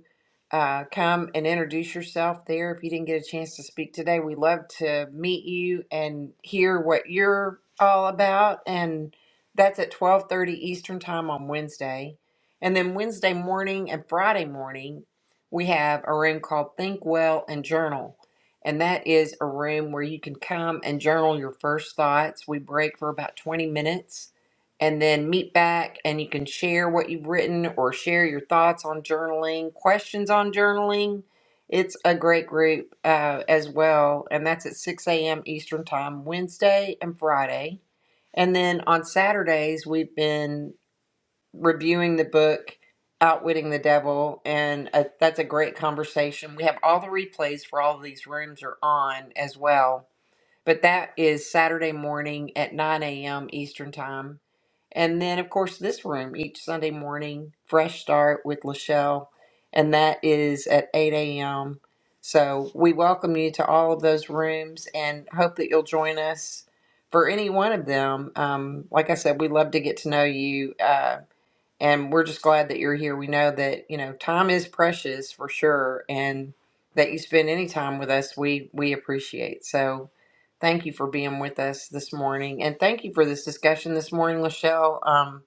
C: uh, come and introduce yourself there. If you didn't get a chance to speak today, we love to meet you and hear what you're all about. And that's at twelve thirty Eastern Time on Wednesday, and then Wednesday morning and Friday morning we have a room called Think Well and Journal. And that is a room where you can come and journal your first thoughts. We break for about 20 minutes and then meet back and you can share what you've written or share your thoughts on journaling, questions on journaling. It's a great group uh, as well. And that's at 6 a.m. Eastern Time, Wednesday and Friday. And then on Saturdays, we've been reviewing the book Outwitting the Devil. And uh that's a great conversation. We have all the replays for all of these rooms are on as well. But that is Saturday morning at 9 a.m. Eastern Time. And then, of course, this room each Sunday morning, Fresh Start with Lachelle, and that is at 8 a.m. So we welcome you to all of those rooms and hope that you'll join us for any one of them. Um, like I said, we love to get to know you. Uh, and we're just glad that you're here. We know that you know time is precious for sure, and that you spend any time with us, we we appreciate. So, thank you for being with us this morning, and thank you for this discussion this morning, Lachelle. Um,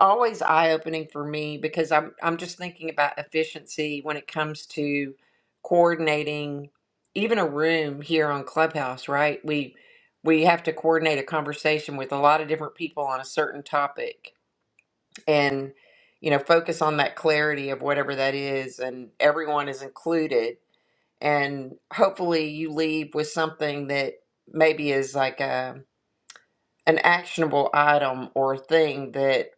C: always eye opening for me because I'm I'm just thinking about efficiency when it comes to coordinating even a room here on Clubhouse. Right, we we have to coordinate a conversation with a lot of different people on a certain topic and you know focus on that clarity of whatever that is and everyone is included and hopefully you leave with something that maybe is like a an actionable item or thing that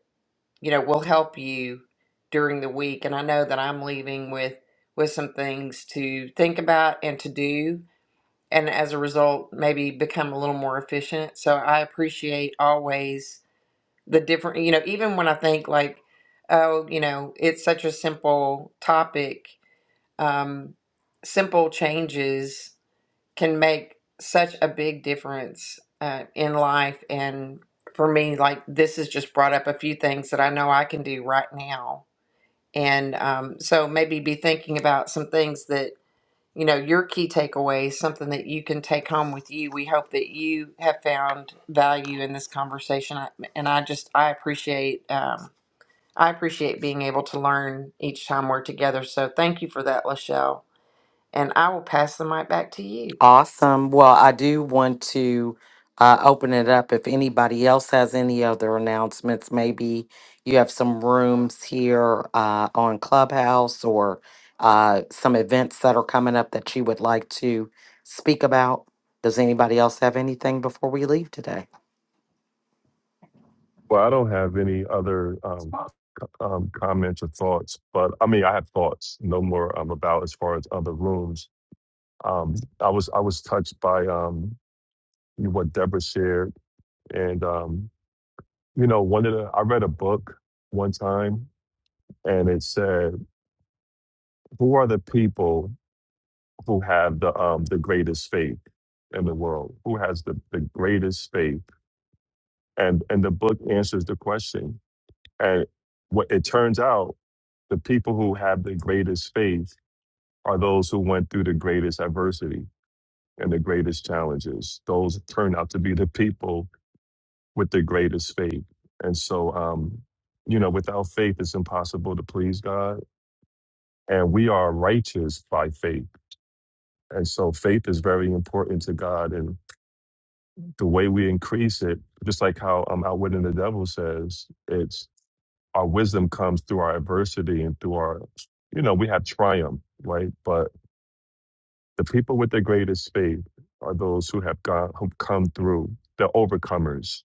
C: you know will help you during the week and I know that I'm leaving with with some things to think about and to do and as a result maybe become a little more efficient so I appreciate always the different you know even when i think like oh you know it's such a simple topic um simple changes can make such a big difference uh, in life and for me like this has just brought up a few things that i know i can do right now and um, so maybe be thinking about some things that you know, your key takeaways, something that you can take home with you. We hope that you have found value in this conversation. I, and I just, I appreciate, um, I appreciate being able to learn each time we're together. So thank you for that, Lachelle. And I will pass the mic back to you.
A: Awesome. Well, I do want to uh, open it up if anybody else has any other announcements. Maybe you have some rooms here uh, on Clubhouse or uh, some events that are coming up that you would like to speak about. Does anybody else have anything before we leave today?
B: well, I don't have any other um, um, comments or thoughts. But I mean, I have thoughts. No more um, about as far as other rooms. Um, I was I was touched by um, what Deborah shared, and um, you know, one of the I read a book one time, and it said, "Who are the people who have the um, the greatest faith in the world? Who has the the greatest faith?" and and the book answers the question and what it turns out the people who have the greatest faith are those who went through the greatest adversity and the greatest challenges those turn out to be the people with the greatest faith and so um you know without faith it's impossible to please god and we are righteous by faith and so faith is very important to god and the way we increase it just like how um outwitting the devil says it's our wisdom comes through our adversity and through our, you know, we have triumph, right? But the people with the greatest faith are those who have gone, who've come through, the overcomers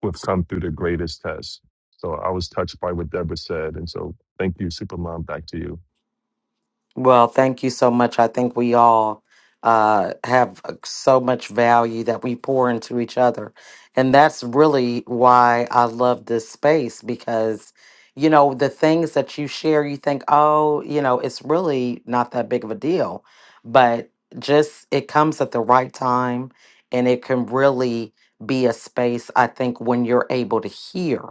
B: who have come through the greatest test. So I was touched by what Deborah said. And so thank you, Supermom. Back to you.
A: Well, thank you so much. I think we all uh, have uh, so much value that we pour into each other. And that's really why I love this space because, you know, the things that you share, you think, oh, you know, it's really not that big of a deal. But just it comes at the right time and it can really be a space, I think, when you're able to hear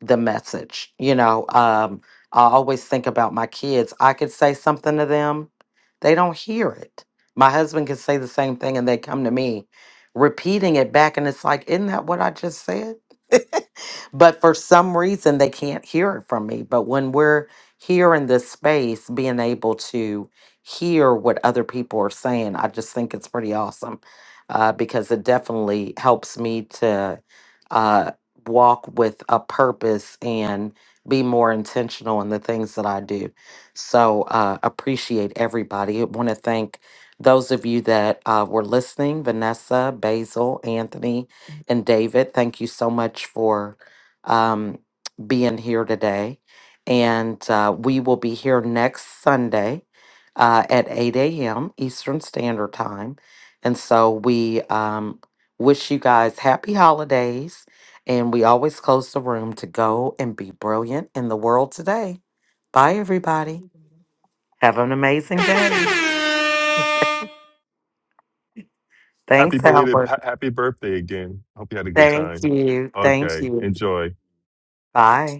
A: the message. You know, um, I always think about my kids. I could say something to them, they don't hear it. My husband could say the same thing and they come to me repeating it back. And it's like, isn't that what I just said? But for some reason, they can't hear it from me. But when we're here in this space, being able to hear what other people are saying, I just think it's pretty awesome uh, because it definitely helps me to uh, walk with a purpose and be more intentional in the things that I do. So uh, appreciate everybody. I want to thank those of you that uh, were listening, Vanessa, Basil, Anthony, and David. Thank you so much for um, being here today. And uh, we will be here next Sunday uh, at 8 a.m. Eastern Standard Time. And so we um, wish you guys happy holidays. And we always close the room to go and be brilliant in the world today. Bye, everybody. Have an amazing day.
B: Happy
A: Thanks,
B: belated,
A: Albert.
B: ha- happy birthday again. Hope you had a good
A: Thank
B: time.
A: you. Thank
B: Okay.
A: you.
B: Enjoy.
A: Bye.